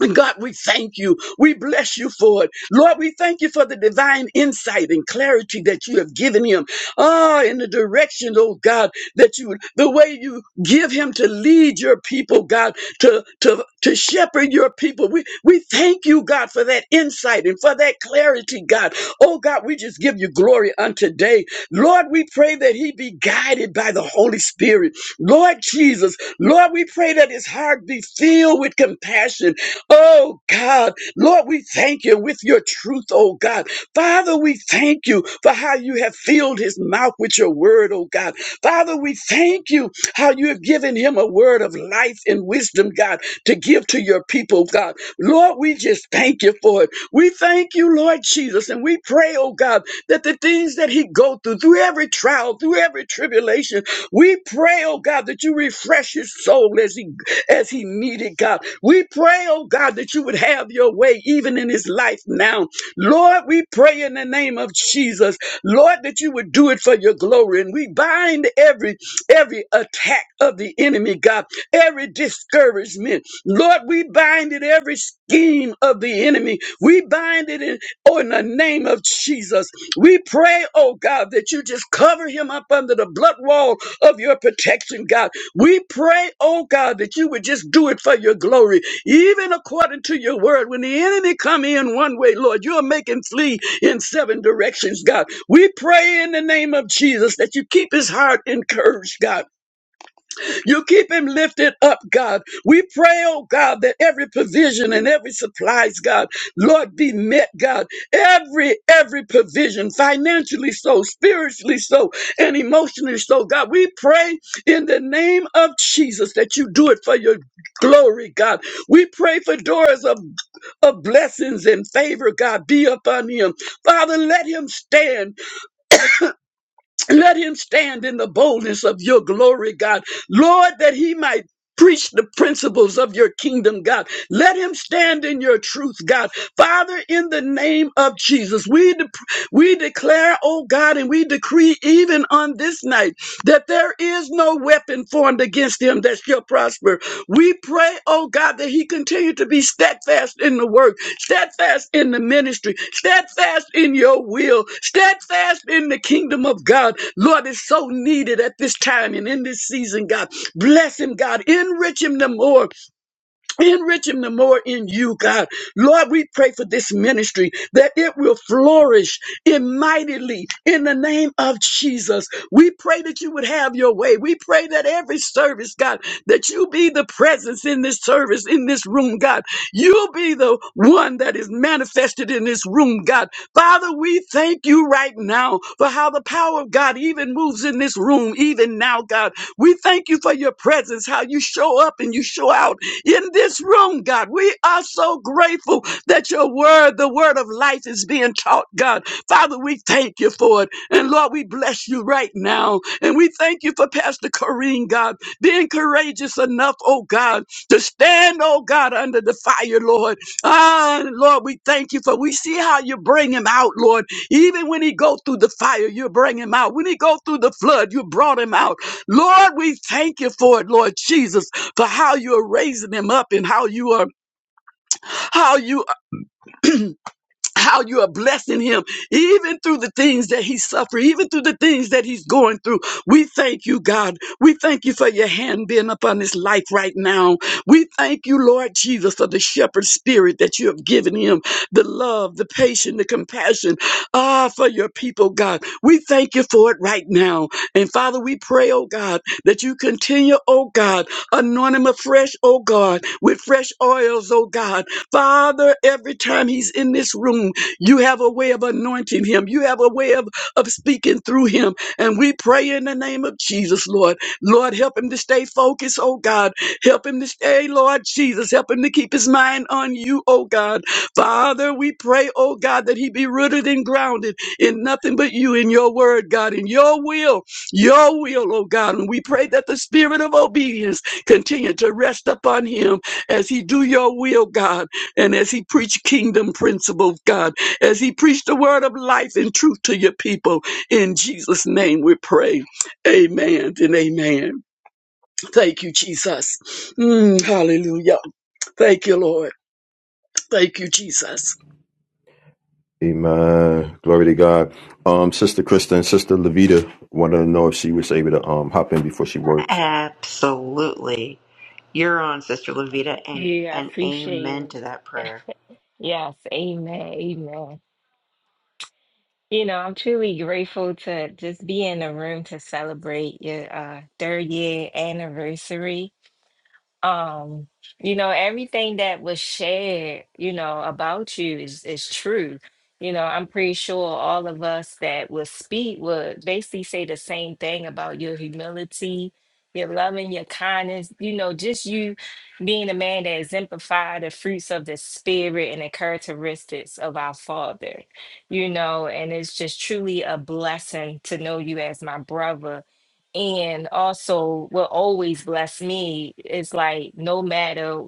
Speaker 7: And God, we thank you. We bless you for it. Lord, we thank you for the divine insight and clarity that you have given him. Ah, in the direction, oh God, that you, the way you give him to lead your people, God, to, to, to shepherd your people. We, we thank you, God, for that insight and for that clarity, God. Oh God, we just give you glory unto day. Lord, we pray that he be guided by the Holy Spirit. Lord Jesus, Lord, we pray that his heart be filled with compassion Oh God, Lord, we thank you with your truth, oh God. Father, we thank you for how you have filled his mouth with your word, oh God. Father, we thank you how you have given him a word of life and wisdom, God, to give to your people, God. Lord, we just thank you for it. We thank you, Lord Jesus, and we pray, oh God, that the things that he go through, through every trial, through every tribulation, we pray, oh God, that you refresh his soul as he as he needed, God. We pray, oh God, that you would have your way even in his life now. Lord, we pray in the name of Jesus, Lord, that you would do it for your glory. And we bind every every attack of the enemy, God, every discouragement. Lord, we bind it, every scheme of the enemy. We bind it in, oh, in the name of Jesus. We pray, oh God, that you just cover him up under the blood wall of your protection, God. We pray, oh God, that you would just do it for your glory, even according to your word. When the enemy come in one way, Lord, you'll make him flee in seven directions, God. We pray in the name of Jesus that you keep his heart encouraged, God. You keep him lifted up, God. We pray, oh God, that every provision and every supplies, God, Lord, be met, God. Every, every provision, financially so, spiritually so, and emotionally so, God. We pray in the name of Jesus that you do it for your glory, God. We pray for doors of, of blessings and favor, God, be upon him. Father, let him stand let him stand in the boldness of your glory, God. Lord, that he might preach the principles of your kingdom, God. Let him stand in your truth, God. Father, in the name of Jesus, we, de- we declare, oh God, and we decree even on this night that there is no weapon formed against him that shall prosper. We pray, oh God, that he continue to be steadfast in the work, steadfast in the ministry, steadfast in your will, steadfast in the kingdom of God. Lord, it's so needed at this time and in this season, God. Bless him, God. Enrich him the more. Enrich him the more in you, God. Lord, we pray for this ministry that it will flourish in mightily in the name of Jesus. We pray that you would have your way. We pray that every service, God, that you be the presence in this service, in this room, God. You'll be the one that is manifested in this room, God. Father, we thank you right now for how the power of God even moves in this room, even now, God. We thank you for your presence, how you show up and you show out in this room, God. We are so grateful that your word, the word of life, is being taught, God. Father, we thank you for it. And Lord, we bless you right now. And we thank you for Pastor Corrine, God, being courageous enough, oh God, to stand, oh God, under the fire, Lord. Ah, Lord, we thank you for we see how you bring him out, Lord. Even when he go through the fire, you bring him out. When he go through the flood, you brought him out. Lord, we thank you for it, Lord Jesus for how you are raising them up and how you are how you how you are blessing him, even through the things that he's suffering, even through the things that he's going through. We thank you, God. We thank you for your hand being upon his life right now. We thank you, Lord Jesus, for the shepherd spirit that you have given him, the love, the patience, the compassion, ah, for your people, God. We thank you for it right now. And Father, we pray, oh God, that you continue, oh God, anoint him afresh, oh God, with fresh oils, oh God, Father, every time he's in this room, you have a way of anointing him. You have a way of, of speaking through him. And we pray in the name of Jesus, Lord. Lord, help him to stay focused, oh God. Help him to stay, Lord Jesus. Help him to keep his mind on you, oh God. Father, we pray, oh God, that he be rooted and grounded in nothing but you, in your word, God, in your will, your will, oh God. And we pray that the spirit of obedience continue to rest upon him as he do your will, God. And as he preached kingdom principles, God, as he preached the word of life and truth to your people, in Jesus' name we pray. Amen and amen. Thank you, Jesus. Mm, hallelujah. Thank you, Lord. Thank you, Jesus.
Speaker 4: Hey, man. Glory to God. Um, Sister Krista and Sister Levita wanted to know if she was able to um hop in before she works.
Speaker 2: Absolutely. You're on, Sister Levita, and,
Speaker 8: Yeah, I
Speaker 2: and
Speaker 8: appreciate
Speaker 2: amen
Speaker 8: it.
Speaker 2: to that prayer.
Speaker 8: Yes, amen, amen. You know, I'm truly grateful to just be in the room to celebrate your uh, third year anniversary. um you know everything that was shared you know about you is is true you know i'm pretty sure all of us that would speak would basically say the same thing about your humility your loving your kindness you know just you being a man that exemplified the fruits of the spirit and the characteristics of our father you know and it's just truly a blessing to know you as my brother and also, what always bless me is like no matter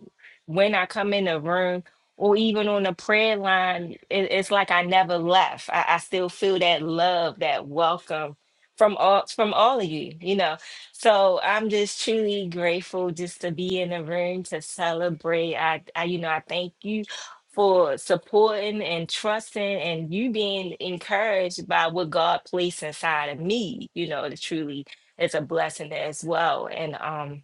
Speaker 8: when I come in a room or even on the prayer line, it, it's like I never left. I, I still feel that love, that welcome from all from all of you, you know. So I'm just truly grateful just to be in the room to celebrate. I, I you know, I thank you for supporting and trusting and you being encouraged by what God placed inside of me, you know, to truly it's a blessing as well. And um,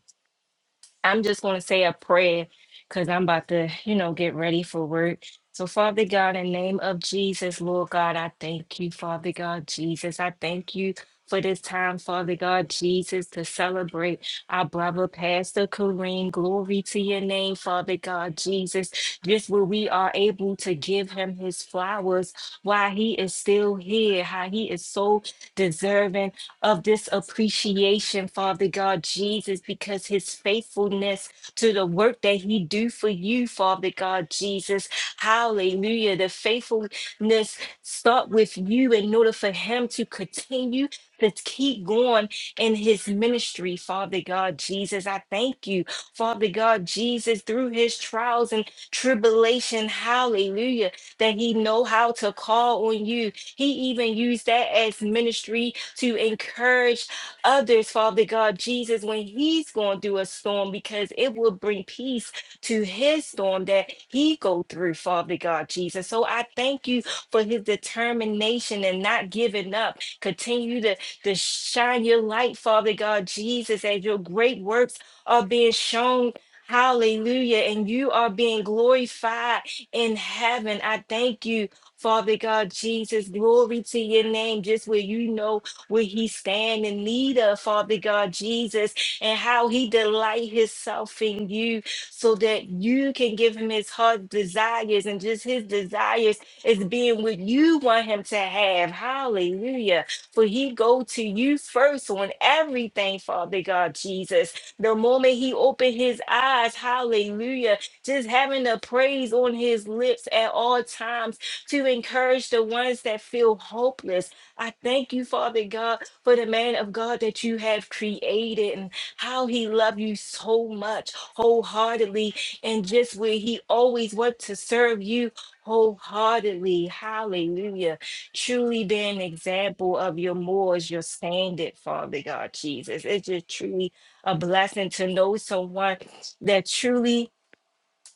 Speaker 8: I'm just going to say a prayer because I'm about to, you know, get ready for work. So, Father God, in the name of Jesus, Lord God, I thank you, Father God, Jesus. I thank you for this time, Father God, Jesus, to celebrate our brother, Pastor Kareem. Glory to your name, Father God, Jesus. Just where we are able to give him his flowers while he is still here, how he is so deserving of this appreciation, Father God Jesus, because his faithfulness to the work that he do for you, Father God Jesus. Hallelujah. The faithfulness start with you in order for him to continue to keep going in his ministry, Father God Jesus. I thank you, Father God Jesus, through his trials and tribulation, hallelujah, that he know how to call on you he even used that as ministry to encourage others, Father God, Jesus, when he's going through a storm, because it will bring peace to his storm that he go through, Father God, Jesus. So I thank you for his determination and not giving up. Continue to, to shine your light, Father God, Jesus, as your great works are being shown. Hallelujah. And you are being glorified in heaven. I thank you Father God, Jesus, glory to your name, just where you know where he stand in need of, Father God, Jesus, and how he delight himself in you so that you can give him his heart desires and just his desires is being what you want him to have. Hallelujah. For he go to you first on everything, Father God, Jesus. The moment he opened his eyes, hallelujah, just having the praise on his lips at all times to encourage the ones that feel hopeless. I thank you, Father God, for the man of God that you have created and how he loved you so much wholeheartedly and just where he always wants to serve you wholeheartedly. Hallelujah. Truly be an example of your mores, your standard, Father God, Jesus. It's just truly a blessing to know someone that truly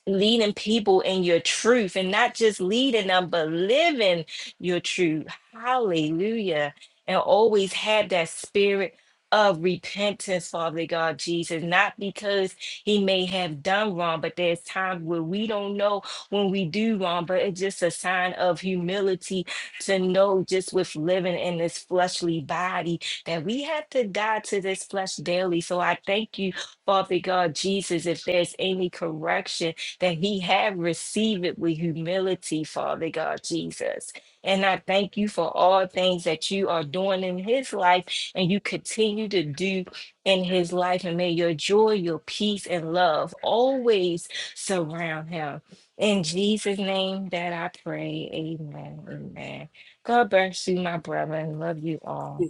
Speaker 8: leading people in your truth and not just leading them, but living your truth. Hallelujah. And always have that spirit of repentance, Father God Jesus, not because he may have done wrong, but there's times where we don't know when we do wrong, but it's just a sign of humility to know just with living in this fleshly body that we have to die to this flesh daily. So I thank you, Father God Jesus, if there's any correction that he had received it with humility, Father God Jesus. And I thank you for all things that you are doing in his life and you continue to do in his life. And may your joy, your peace, and love always surround him. In Jesus' name that I pray. Amen. Amen. God bless you, my brethren. Love you all.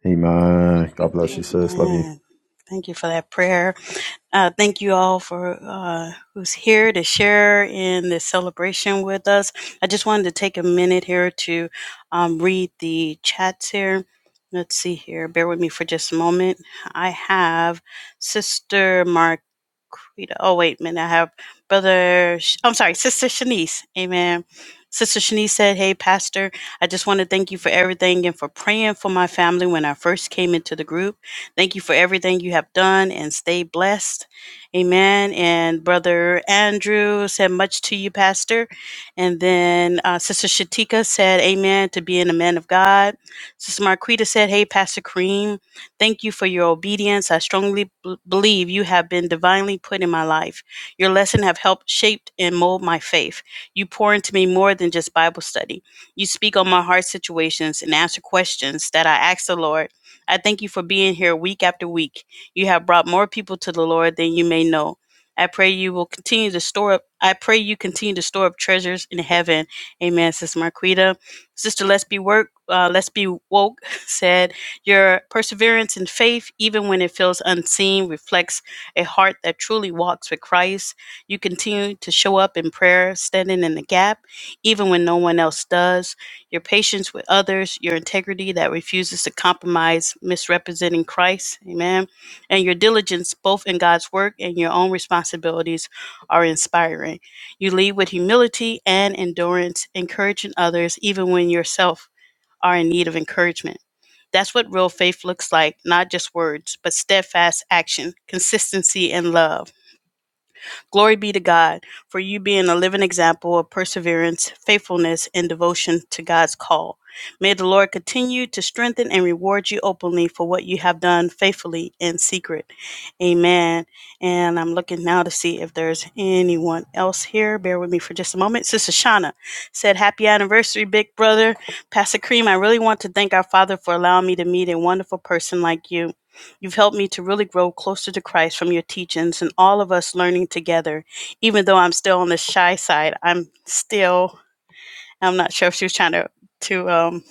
Speaker 4: Hey, man. God bless you,
Speaker 2: Amen.
Speaker 4: sis. Love you.
Speaker 1: Amen. Thank you for that prayer. Uh, thank you all for uh, who's here to share in this celebration with us. I just wanted to take a minute here to um, read the chats here. Let's see here. Bear with me for just a moment. I have Sister Marquita. Oh, wait a minute. I have Brother, Sh- I'm sorry, Sister Shanice. Amen. Sister Shanice said, Hey, Pastor, I just want to thank you for everything and for praying for my family when I first came into the group. Thank you for everything you have done and stay blessed. Amen. And Brother Andrew said, Much to you, Pastor. And then uh, Sister Shatika said, Amen to being a man of God. Sister Marquita said, Hey, Pastor Kareem, thank you for your obedience. I strongly b- believe you have been divinely put in my life. Your lesson have helped shaped and mold my faith. You pour into me more than just Bible study. You speak on my heart situations and answer questions that I ask the Lord I thank you for being here week after week. You have brought more people to the Lord than you may know. I pray you will continue to store up. I pray you continue to store up treasures in heaven. Amen, Sister Marquita. Sister Let's Be Work, uh, Let's Be Woke *laughs* said, Your perseverance and faith, even when it feels unseen, reflects a heart that truly walks with Christ. You continue to show up in prayer, standing in the gap, even when no one else does your patience with others, your integrity that refuses to compromise, misrepresenting Christ, amen, and your diligence both in God's work and your own responsibilities are inspiring. You lead with humility and endurance, encouraging others even when yourself are in need of encouragement. That's what real faith looks like, not just words, but steadfast action, consistency, and love. Glory be to God for you being a living example of perseverance, faithfulness, and devotion to God's call. May the Lord continue to strengthen and reward you openly for what you have done faithfully in secret. Amen. And I'm looking now to see if there's anyone else here. Bear with me for just a moment. Sister Shauna said, Happy anniversary, big brother. Pastor Cream, I really want to thank our Father for allowing me to meet a wonderful person like you. You've helped me to really grow closer to Christ from your teachings and all of us learning together. Even though I'm still on the shy side, I'm still I'm not sure if she was trying to to um,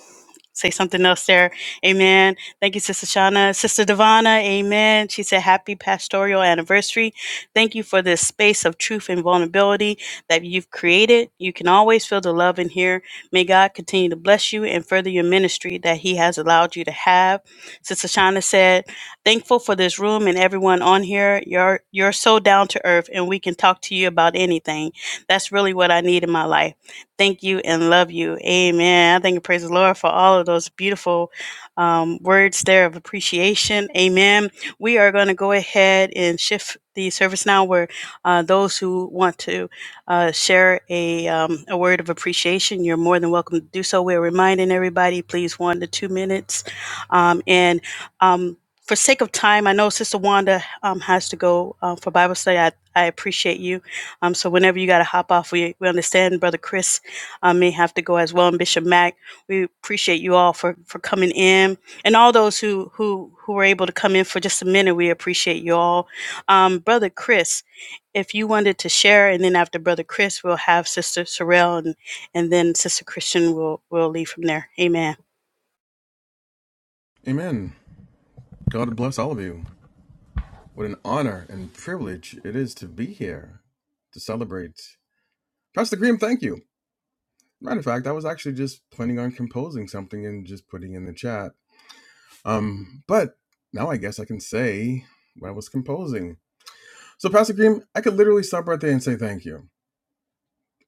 Speaker 1: say something else there. Amen. Thank you, Sister Shauna. Sister Divana, amen. She said, Happy pastoral anniversary. Thank you for this space of truth and vulnerability that you've created. You can always feel the love in here. May God continue to bless you and further your ministry that He has allowed you to have. Sister Shauna said, Thankful for this room and everyone on here. You're, you're so down to earth, and we can talk to you about anything. That's really what I need in my life. Thank you and love you. Amen. I thank and praise the Lord for all of those beautiful um, words there of appreciation. Amen. We are going to go ahead and shift the service now where uh, those who want to uh, share a, um, a word of appreciation, you're more than welcome to do so. We're reminding everybody, please, one to two minutes. Um, and um, for sake of time, I know Sister Wanda um, has to go uh, for Bible study. I, I appreciate you. Um, so whenever you got to hop off, we, we understand, Brother Chris. I may have to go as well. And Bishop Mack, we appreciate you all for, for coming in, and all those who who who were able to come in for just a minute. We appreciate you all, um, brother Chris. If you wanted to share, and then after brother Chris, we'll have sister Sorrell, and and then sister Christian will will leave from there. Amen.
Speaker 9: Amen. God bless all of you. What an honor and privilege it is to be here to celebrate. Pastor Graham, thank you. Matter of fact, I was actually just planning on composing something and just putting in the chat. Um, but now I guess I can say what I was composing. So, Pastor Graham, I could literally stop right there and say thank you,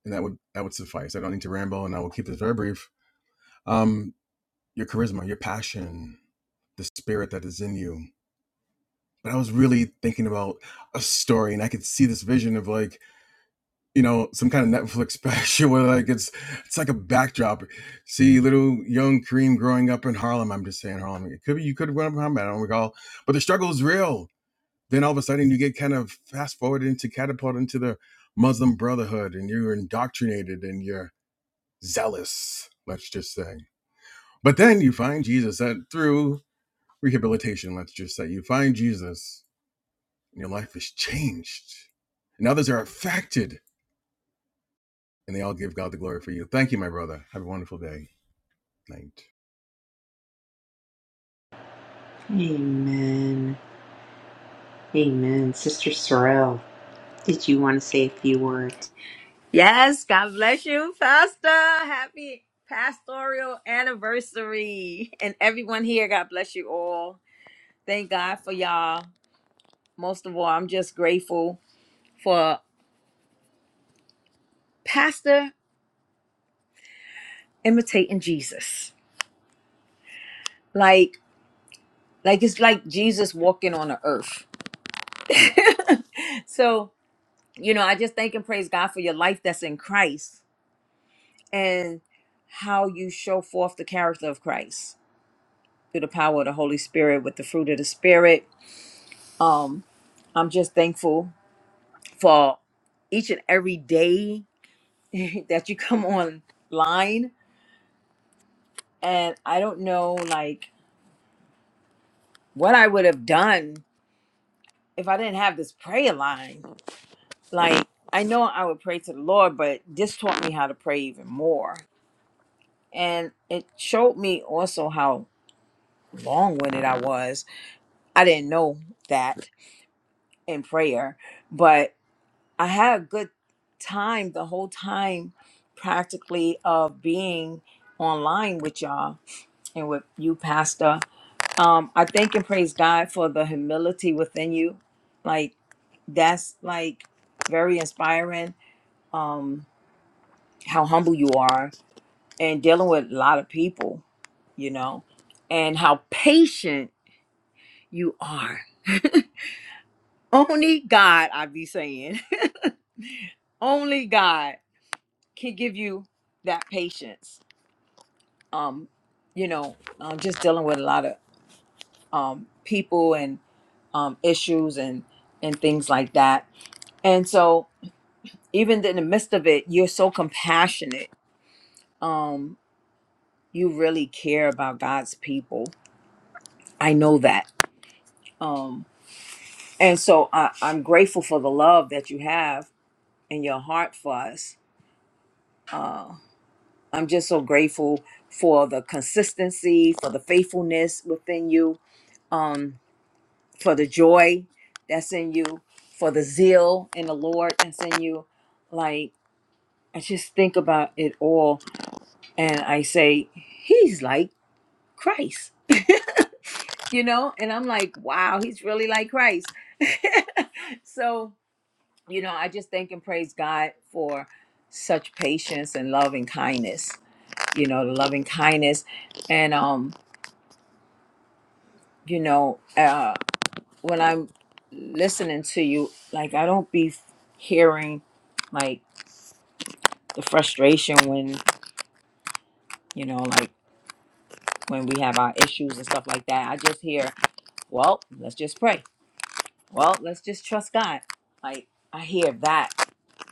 Speaker 9: and that would that would suffice. I don't need to ramble, and I will keep this very brief. Um, your charisma, your passion, the spirit that is in you. but I was really thinking about a story, and I could see this vision of like you know some kind of Netflix *laughs* special where like it's it's like a backdrop. See little young Kareem growing up in Harlem. I'm just saying Harlem. It could be you could have grown up in Harlem. I don't recall, but the struggle is real. Then all of a sudden you get kind of fast forwarded into catapulted into the Muslim Brotherhood, and you're indoctrinated and you're zealous. Let's just say. But then you find Jesus that through rehabilitation. Let's just say you find Jesus and your life is changed, and others are affected, and they all give God the glory for you. Thank you, my brother. Have a wonderful day, night.
Speaker 2: Amen. Sister Sorrel, did you want to say a few words?
Speaker 10: Yes, God bless you, Pastor. Happy pastoral anniversary. And everyone here, God bless you all. Thank God for y'all. Most of all, I'm just grateful for Pastor imitating Jesus. Like, like it's like Jesus walking on the earth. *laughs* so, you know, I just thank and praise God for your life that's in Christ and how you show forth the character of Christ through the power of the Holy Spirit with the fruit of the Spirit Um, I'm just thankful for each and every day *laughs* that you come online. And I don't know, like, what I would have done if I didn't have this prayer line. Like, I know I would pray to the Lord, but this taught me how to pray even more. And it showed me also how long winded I was. I didn't know that in prayer, but. I had a good time the whole time, practically, of being online with y'all and with you, Pastor. Um, I thank and praise God for the humility within you. Like, that's like very inspiring, um, how humble you are and dealing with a lot of people, you know, and how patient you are. *laughs* Only God, I be saying, *laughs* only God can give you that patience um, you know, um, just dealing with a lot of um, people and um, issues and and things like that. And so, even in the midst of it, you're so compassionate. Um, you really care about God's people. I know that. Um, and so, I, I'm grateful for the love that you have in your heart for us. Uh, I'm just so grateful for the consistency, for the faithfulness within you. Um, for the joy that's in you, for the zeal in the Lord that's in you. Like, I just think about it all and I say, He's like Christ, you know? And I'm like, wow, He's really like Christ. *laughs* so, you know, I just thank and praise God for such patience and love and kindness, you know, the loving kindness. And, um, you know, uh. when I'm listening to you, like I don't be hearing like the frustration when you know, like when we have our issues and stuff like that. I just hear, well, let's just pray. Well, let's just trust God. Like I hear that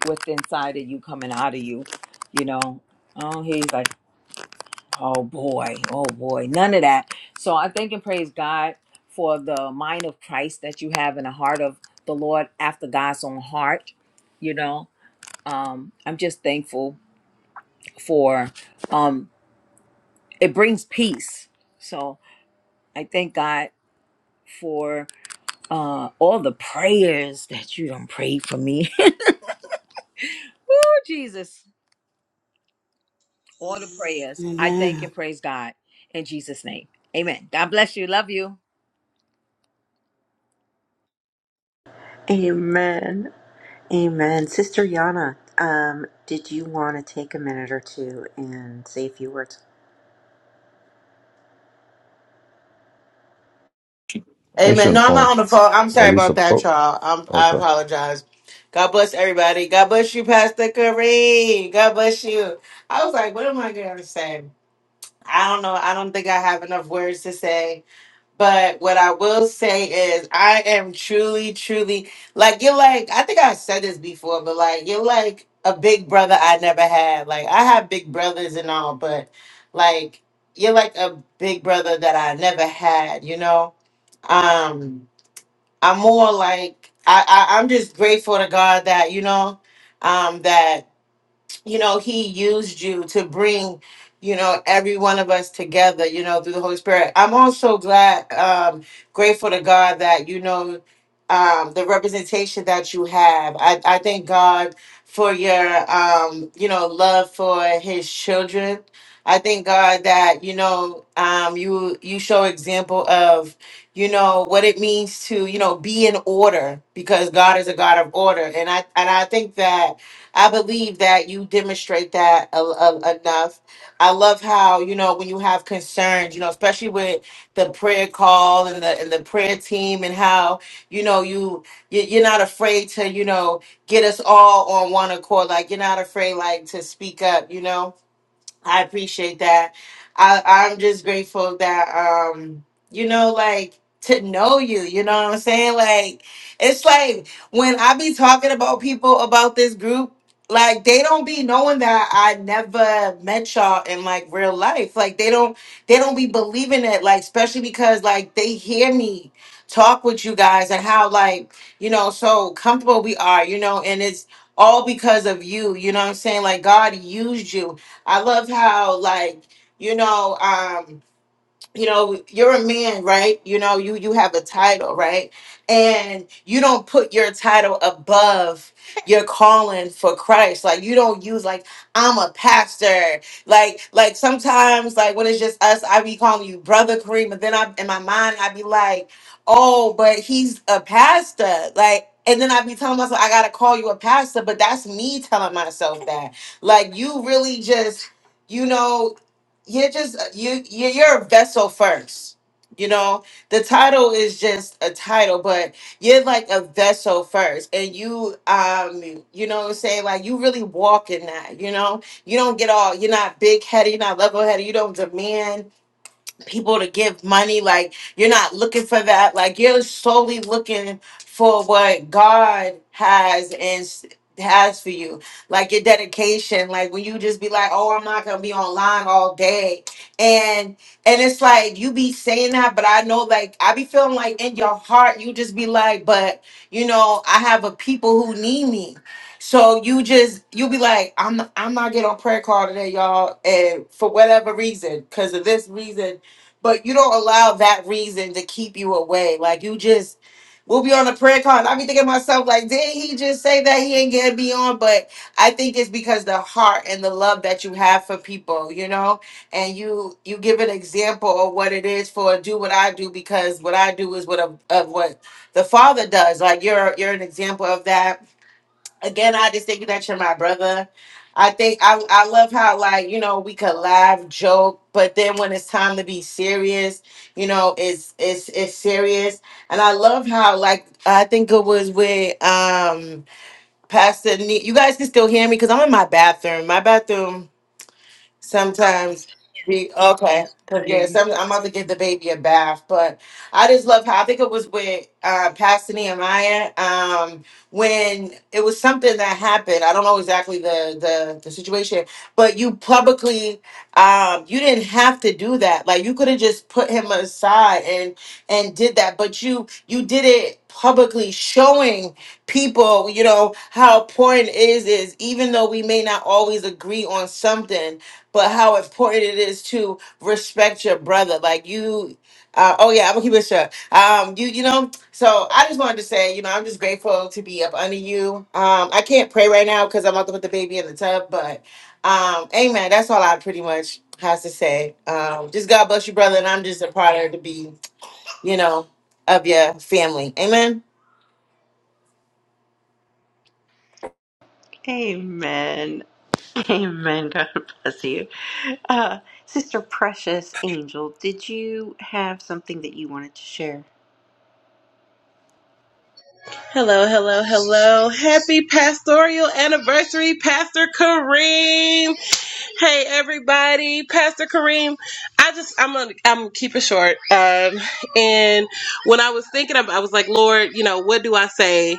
Speaker 10: what's inside of you coming out of you, you know. Oh, he's like, oh boy, oh boy, none of that. So I thank and praise God for the mind of Christ that you have and the heart of the Lord after God's own heart, you know um, I'm just thankful for um, it brings peace. So I thank God for uh, all the prayers that you don't pray for me. *laughs* Woo, Jesus, all the prayers. I thank
Speaker 1: Amen.
Speaker 10: and praise God in Jesus' name. Amen. God bless you. Love you.
Speaker 2: Amen. Amen. Sister Yana, um, did you want to take a minute or two and say a few words?
Speaker 4: I think she
Speaker 11: Amen.
Speaker 4: on the
Speaker 11: No, I'm not
Speaker 4: phone.
Speaker 11: on the phone. I'm
Speaker 4: Or
Speaker 11: sorry
Speaker 4: at least,
Speaker 11: about
Speaker 4: a,
Speaker 11: that,
Speaker 4: oh,
Speaker 11: y'all. I'm, I
Speaker 4: okay.
Speaker 11: apologize. God bless everybody. God bless you, Pastor Kareem. God bless you. I was like, what am I going to say? I don't know. I don't think I have enough words to say. But what I will say is, I am truly, truly like, you're like, I think I said this before, but like, you're like a big brother I never had. Like, I have big brothers and all, but like, you're like a big brother that I never had, you know? Um, I'm more like I, I I'm just grateful to God that you know um that you know, he used you to bring, you know, every one of us together, you know, through the Holy Spirit. I'm also glad, um, grateful to God that, you know, um, the representation that you have. I, I thank God for your, um, you know, love for his children. I thank God that, you know, um, you, you show example of, you know, what it means to, you know, be in order because God is a God of order. And I, and I think that, I believe that you demonstrate that a, a- enough. I love how you know when you have concerns, you know, especially with the prayer call and the and the prayer team, and how you know you you- you're not afraid to you know get us all on one accord. Like you're not afraid like to speak up. You know I appreciate that. I I'm just grateful that um you know like to know you, you know what I'm saying? Like it's like when I be talking about people about this group like they don't be knowing that I never met y'all in like real life. Like they don't they don't be believing it like especially because like they hear me talk with you guys and how like you know so comfortable we are, you know, and it's all because of you, you know what I'm saying? Like God used you I love how like you know um you know you're a man right you know you you have a title right and you don't put your title above your calling for christ like you don't use like i'm a pastor like like sometimes like when it's just us i be calling you brother kareem but then i in my mind i be like oh but he's a pastor like and then I be telling myself I gotta call you a pastor, but that's me telling myself that. Like you really just, you know you're just uh, you you- you're a vessel first you know the title is just a title but you're like a vessel first and you um you know what i'm saying like you really walk in that you know you don't get all you're not big headed you're not level headed you don't demand people to give money. Like you're not looking for that. Like you're solely looking for what God has and s- has for you. Like your dedication. Like when you just be like, oh, I'm not gonna be online all day. And and it's like you be saying that, but I know like I be feeling like in your heart you just be like, but you know I have a people who need me. So you just you be like, I'm I'm not getting on prayer call today, y'all, and for whatever reason, because of this reason, but you don't allow that reason to keep you away. Like you just we'll be on a prayer call. And I be thinking to myself, like, did he just say that he ain't gonna be on? But I think it's because the heart and the love that you have for people, you know, and you you give an example of what it is for do what I do because what I do is what of, of what the father does. Like you're you're an example of that again, I just think that you're my brother. I think I I love how like you know we could laugh, joke, but then when it's time to be serious, you know it's it's it's serious. And I love how like I think it was with um Pastor. Ne- you guys can still hear me because I'm in my bathroom. My bathroom sometimes we okay
Speaker 1: Yes, we
Speaker 11: because
Speaker 1: hear
Speaker 11: yeah
Speaker 1: you.
Speaker 11: some, i'm about to get the baby a bath but i just love how i think it was with uh pastor nehemiah um when it was something that happened i don't know exactly the the, the situation but you publicly um you didn't have to do that like you could have just put him aside and and did that but you you did it publicly showing people you know how important it is is even though we may not always agree on something but how important it is to respect your brother. Like you, uh, oh yeah, I'm gonna keep it short. Um, you, you know. So I just wanted to say, you know, I'm just grateful to be up under you. Um, I can't pray right now because I'm about to put the baby in the tub, but um, amen. That's all I pretty much has to say. Um, just God bless you, brother, and I'm just a part of to be, you know, of your family. Amen.
Speaker 2: Amen. *laughs* Amen. God bless you. Uh, Sister Precious Angel, did you have something that you wanted to share?
Speaker 12: Hello, hello, hello. Happy pastoral anniversary, Pastor Kareem. Hey everybody, Pastor Kareem. I just I'm gonna I'm gonna keep it short. Um and when I was thinking about I was like, Lord, you know, what do I say?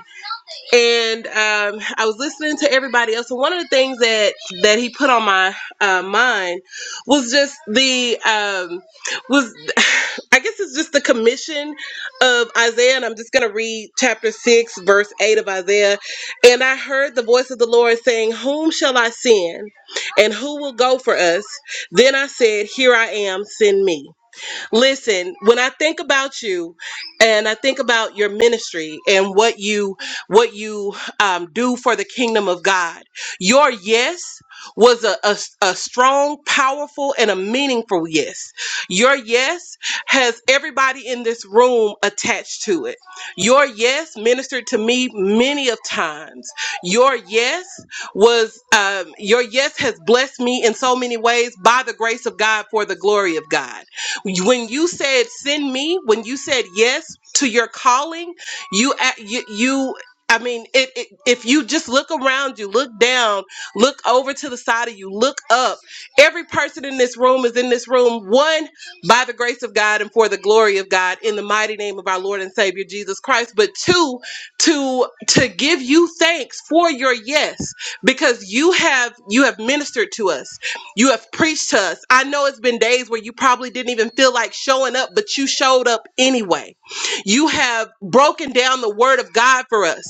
Speaker 12: and um, I was listening to everybody else. And one of the things that that he put on my uh, mind was just the um, was *sighs* I guess it's just the commission of Isaiah. And I'm just gonna read chapter six, verse eight of Isaiah. And I heard the voice of the Lord saying, "Whom shall I send? And who will go for us?" Then I said, "Here I am. Send me." Listen, when I think about you and I think about your ministry and what you what you um, do for the kingdom of God, your yes was a, a, a strong, powerful, and a meaningful yes. Your yes has everybody in this room attached to it. Your yes ministered to me many of times. Your yes was um, your yes has blessed me in so many ways by the grace of God for the glory of God. When you said send me, when you said yes to your calling, you a- you, you I mean, it, it, if you just look around you, look down, look over to the side of you, look up. Every person in this room is in this room, one by the grace of God and for the glory of God, in the mighty name of our Lord and Savior Jesus Christ. But two, to to give you thanks for your yes, because you have you have ministered to us. You have preached to us. I know it's been days where you probably didn't even feel like showing up, but you showed up anyway. You have broken down the word of God for us.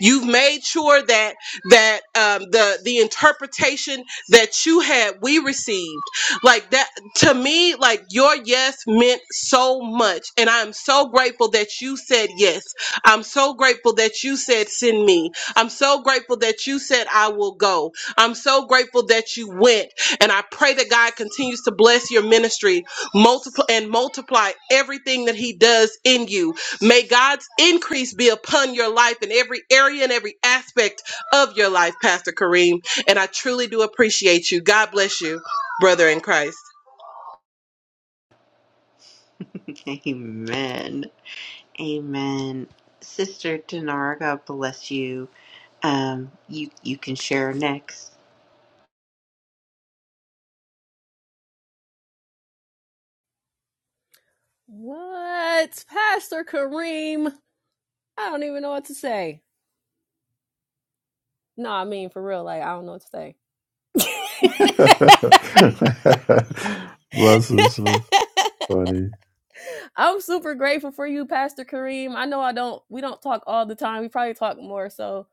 Speaker 12: You've made sure that that um, the the interpretation that you had we received like that to me like your yes meant so much and i'm so grateful that you said yes i'm so grateful that you said send me i'm so grateful that you said i will go i'm so grateful that you went and I pray that God continues to bless your ministry multiply and multiply everything that He does in you. May God's increase be upon your life in every area and every aspect of your life, Pastor Kareem. And I truly do appreciate you. God bless you, brother in Christ.
Speaker 2: *laughs* Amen. Amen. Sister Dinar, God bless you. Um, you you can share next.
Speaker 13: What? Pastor Kareem? I don't even know what to say. No, I mean, for real, like, I don't know what to say. *laughs*
Speaker 4: *laughs* bless us, sis. Funny.
Speaker 13: I'm super grateful for you, Pastor Kareem. I know I don't we don't talk all the time. We probably talk more so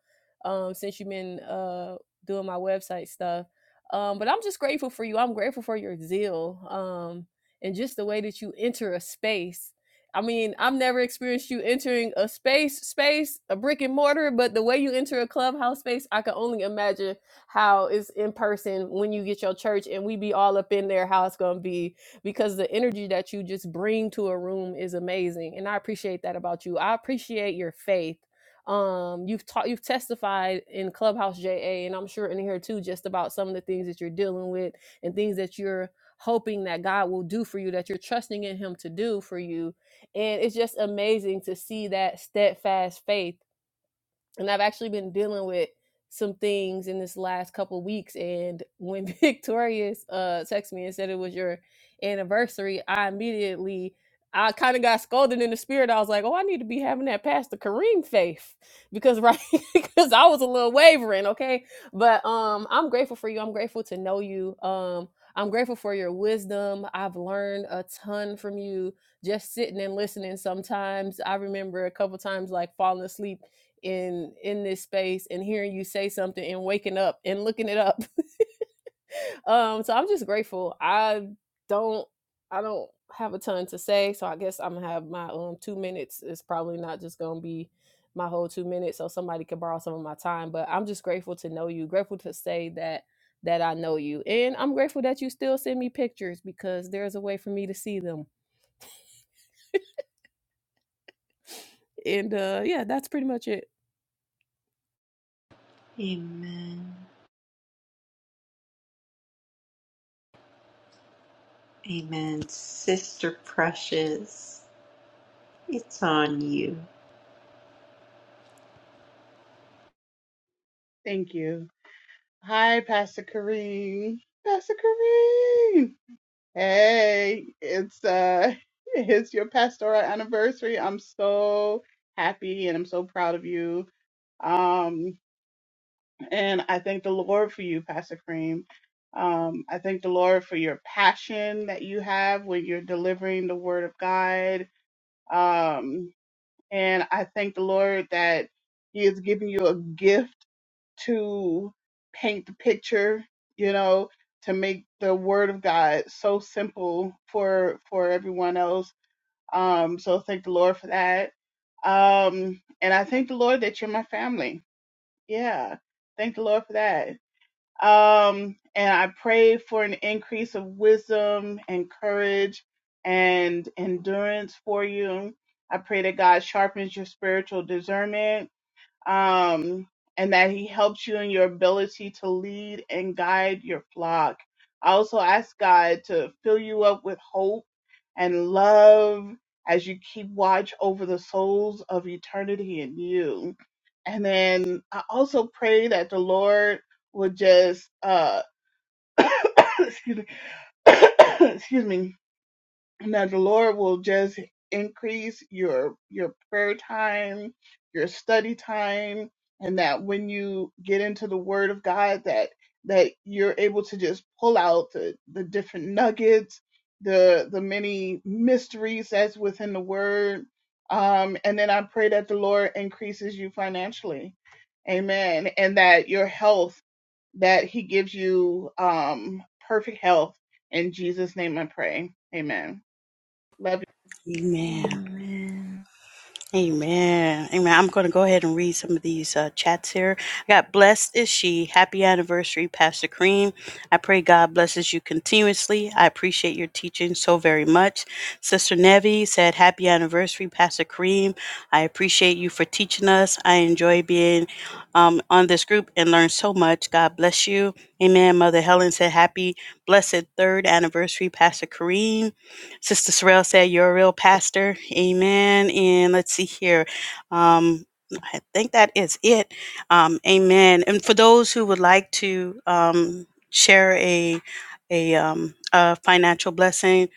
Speaker 13: um since you've been uh doing my website stuff. Um but I'm just grateful for you. I'm grateful for your zeal. Um and just the way that you enter a space. I mean, I've never experienced you entering a space space, a brick and mortar, but the way you enter a clubhouse space, I can only imagine how it's in person when you get your church and we be all up in there, how it's gonna be because the energy that you just bring to a room is amazing and i appreciate that about you i appreciate your faith um you've taught you've testified in clubhouse ja and i'm sure in here too just about some of the things that you're dealing with and things that you're hoping that god will do for you that you're trusting in him to do for you and it's just amazing to see that steadfast faith and I've actually been dealing with some things in this last couple of weeks. And when *laughs* Victorious uh texted me and said it was your anniversary, I immediately I kind of got scolded in the spirit. I was like, "Oh, I need to be having that Pastor Kareem faith because right *laughs* because I was a little wavering." Okay, but um, I'm grateful for you. I'm grateful to know you. Um. I'm grateful for your wisdom. I've learned a ton from you just sitting and listening sometimes. I remember a couple times like falling asleep in in this space and hearing you say something and waking up and looking it up. *laughs* Um, so I'm just grateful. I don't I don't have a ton to say, so I guess I'm gonna have my um two minutes. It's probably not just gonna be my whole two minutes, so somebody can borrow some of my time. But I'm just grateful to know you. Grateful to say that that I know you, and I'm grateful that you still send me pictures because there's a way for me to see them. and uh, yeah, that's pretty much it.
Speaker 2: Amen. Amen. Sister Precious, it's on you.
Speaker 14: Thank you. Hi, Pastor Kareem. Pastor Kareem. Hey, it's uh *laughs* it's your pastoral anniversary. I'm so happy and I'm so proud of you. Um and I thank the Lord for you, Pastor Kareem. Um, I thank the Lord for your passion that you have when you're delivering the word of God. Um, and I thank the Lord that He is giving you a gift to paint the picture, you know, to make the word of God so simple for for everyone else. Um, so thank the Lord for that. Um, and I thank the Lord that you're my family. Yeah. Thank the Lord for that. Um, and I pray for an increase of wisdom and courage and endurance for you. I pray that God sharpens your spiritual discernment um, and that He helps you in your ability to lead and guide your flock. I also ask God to fill you up with hope and love as you keep watch over the souls of eternity in you. And then I also pray that the Lord would just, uh, *coughs* excuse me, *coughs* excuse me and that the Lord will just increase your your prayer time, your study time, and that when you get into the Word of God, that that you're able to just pull out the, the different nuggets, the the many mysteries that's within the Word. Um, and then I pray that the Lord increases you financially, Amen, and that your health, that He gives you um, perfect health. In Jesus' name, I pray, Amen. But
Speaker 1: Amen.
Speaker 2: Amen.
Speaker 1: Amen. Amen. I'm going to go ahead and read some of these uh, chats here. I got blessed is she. Happy anniversary, Pastor Cream. I pray God blesses you continuously. I appreciate your teaching so very much. Sister Nevi said, Happy anniversary, Pastor Cream. I appreciate you for teaching us. I enjoy being um, on this group and learn so much. God bless you. Amen. Mother Helen said, Happy, blessed third anniversary, Pastor Kareem. Sister Sorrell said, You're a real pastor. Amen. And let's see here. Um, I think that is it. Um, amen. And for those who would like to um, share a, a, um, a financial blessing,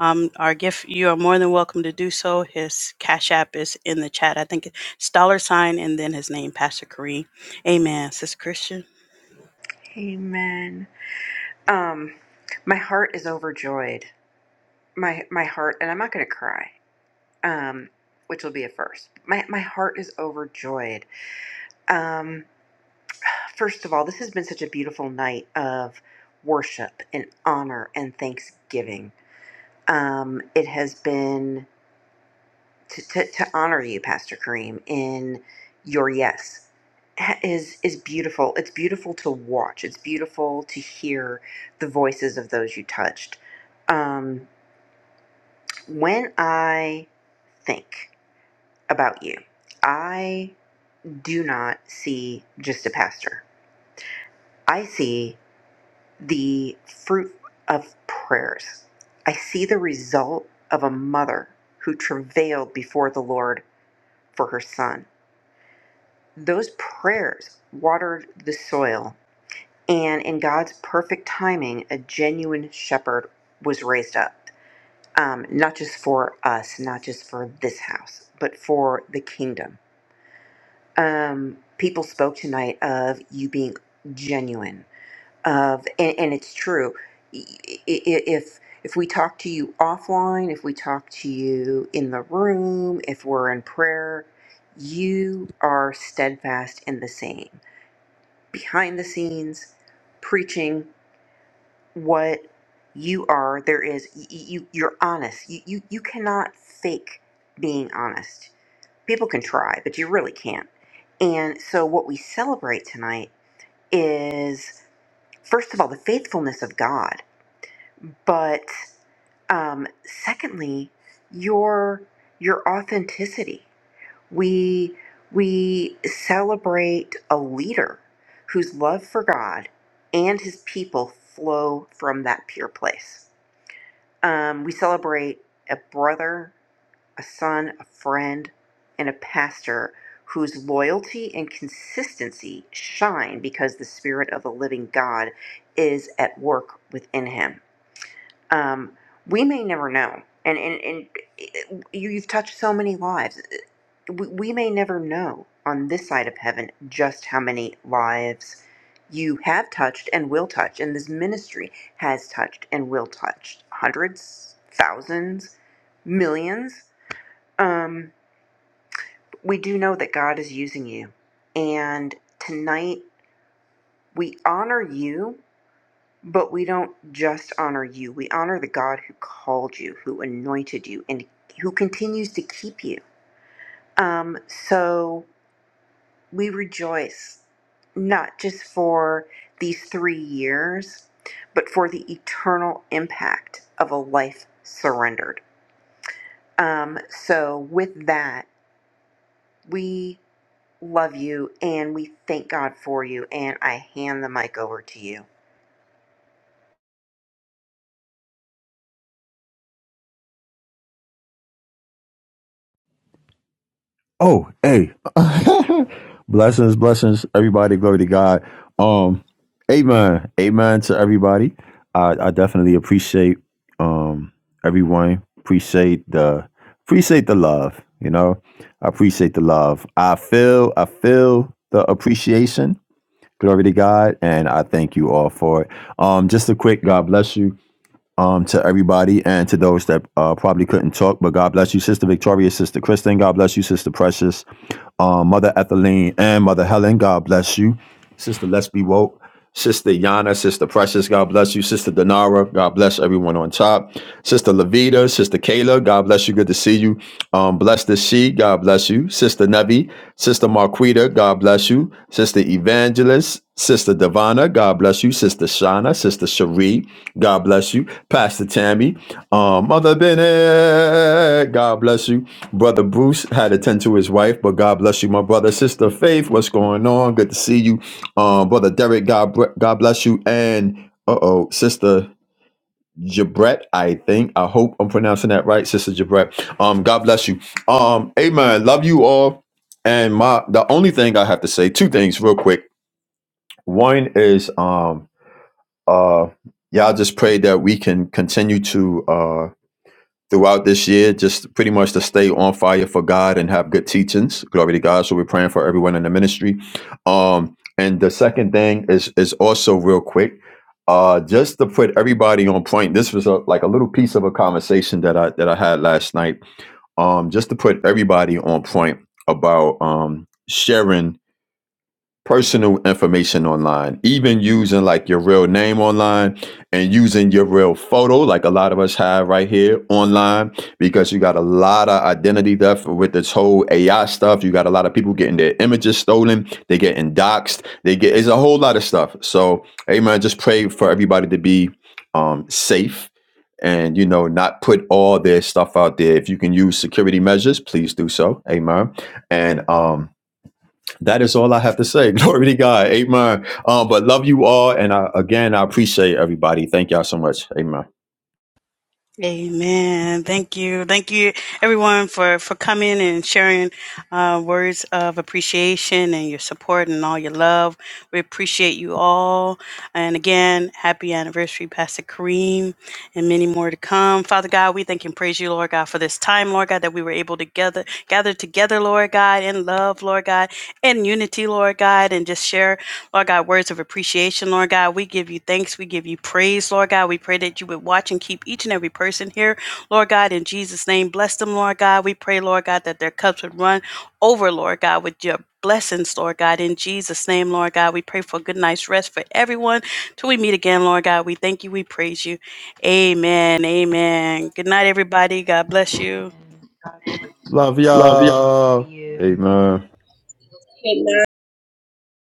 Speaker 1: um, our gift, you are more than welcome to do so. His Cash App is in the chat. I think it's dollar sign and then his name, Pastor Kareem. Amen. Sister Christian.
Speaker 2: Amen. Um, my heart is overjoyed. My my heart, and I'm not going to cry. Um, which will be a first. My my heart is overjoyed. Um, First of all, this has been such a beautiful night of worship and honor and thanksgiving. Um, it has been to, to, to honor you, Pastor Kareem, in your yes is is beautiful. It's beautiful to watch. It's beautiful to hear the voices of those you touched. Um, when I think about you, I do not see just a pastor. I see the fruit of prayers. I see the result of a mother who travailed before the Lord for her son. Those prayers watered the soil, and in God's perfect timing, a genuine shepherd was raised up. Um, not just for us, not just for this house, but for the kingdom. Um, people spoke tonight of you being genuine of and, and it's true I- i- if if we talk to you offline if we talk to you in the room if we're in prayer you are steadfast in the same behind the scenes preaching what you are there is y- y- you you're honest you you, you cannot fake being honest people can try but you really can't and so what we celebrate tonight is first of all the faithfulness of god But um, secondly, your your authenticity. We we celebrate a leader whose love for God and his people flow from that pure place. Um, we celebrate a brother, a son, a friend, and a pastor whose loyalty and consistency shine because the spirit of the living God is at work within him um, we may never know. And, and, and eh, you, you've touched so many lives. We, we may never know on this side of heaven just how many lives you have touched and will touch. And this ministry has touched and will touch hundreds, thousands, millions. Um, we do know that God is using you. And tonight we honor you But we don't just honor you, we honor the God who called you, who anointed you, and who continues to keep you. Um, so we rejoice not just for these three years, but for the eternal impact of a life surrendered. Um, so, with that, we love you and we thank God for you. And I hand the mic over to you.
Speaker 4: Oh, hey. *laughs* blessings, blessings, everybody. Glory to God. Um, amen. Amen to everybody. I, I definitely appreciate um everyone. Appreciate the appreciate the love, you know. I appreciate the love. I feel I feel the appreciation. Glory to God. And I thank you all for it. Um, just a quick God bless you um, to everybody and to those that uh, probably couldn't talk. But God bless you, Sister Victoria, Sister Kristen. God bless you, Sister Precious, um, Mother Ethelene, and Mother Helen. God bless you. Sister Let's Be Woke, Sister Yana, Sister Precious, God bless you. Sister Denara, God bless everyone on top. Sister Levita, Sister Kayla, God bless you. Good to see you. Um, bless the She, God bless you. Sister Nevi, Sister Marquita, God bless you. Sister Evangelist, Sister Devana, God bless you. Sister Shauna, Sister Cherie, God bless you. Pastor Tammy, um, Mother Bennett, God bless you. Brother Bruce had to tend to his wife, but God bless you, my brother. Sister Faith, what's going on? Good to see you. Um, brother Derek, God God bless you, and uh oh, sister Jabret, I think I hope I'm pronouncing that right, sister Jabret. Um, God bless you. Um, Amen. Love you all. And my the only thing I have to say, two things real quick. One is um uh y'all just pray that we can continue to uh throughout this year, just pretty much to stay on fire for God and have good teachings. Glory to God. So we're praying for everyone in the ministry. Um, and the second thing is is also real quick, uh, just to put everybody on point. This was a, like a little piece of a conversation that I that I had last night. Um, just to put everybody on point about um sharing personal information online, even using like your real name online and using your real photo, like a lot of us have right here online, because you got a lot of identity theft with this whole AI stuff. You got a lot of people getting their images stolen, they getting doxxed, they get it's a whole lot of stuff. So, hey man, just pray for everybody to be um safe and you know not put all their stuff out there if you can use security measures please do so amen and um that is all I have to say. *laughs* Glory to God. Amen. Um, but love you all. And I, again, I appreciate everybody. Thank y'all so much. Amen.
Speaker 1: Amen. Thank you. Thank you everyone for, for coming and sharing uh, words of appreciation and your support and all your love. We appreciate you all. And again, happy anniversary, Pastor Kareem, and many more to come. Father God, we thank and praise you, Lord God, for this time, Lord God, that we were able to gather, gather together, Lord God, in love, Lord God, in unity, Lord God, and just share Lord God, words of appreciation, Lord God. We give you thanks. We give you praise, Lord God. We pray that you would watch and keep each and every person here, Lord God, in Jesus' name. Bless them, Lord God. We pray, Lord God, that their cups would run over, Lord God, with your blessings, Lord God, in Jesus' name, Lord God. We pray for a good night's rest for everyone. Till we meet again, Lord God, we thank you. We praise you. Amen. Amen. Good night, everybody. God bless
Speaker 2: Amen.
Speaker 1: you.
Speaker 2: God bless
Speaker 4: Love
Speaker 1: Love you.
Speaker 4: y'all.
Speaker 2: you.
Speaker 4: Amen.
Speaker 12: Good night.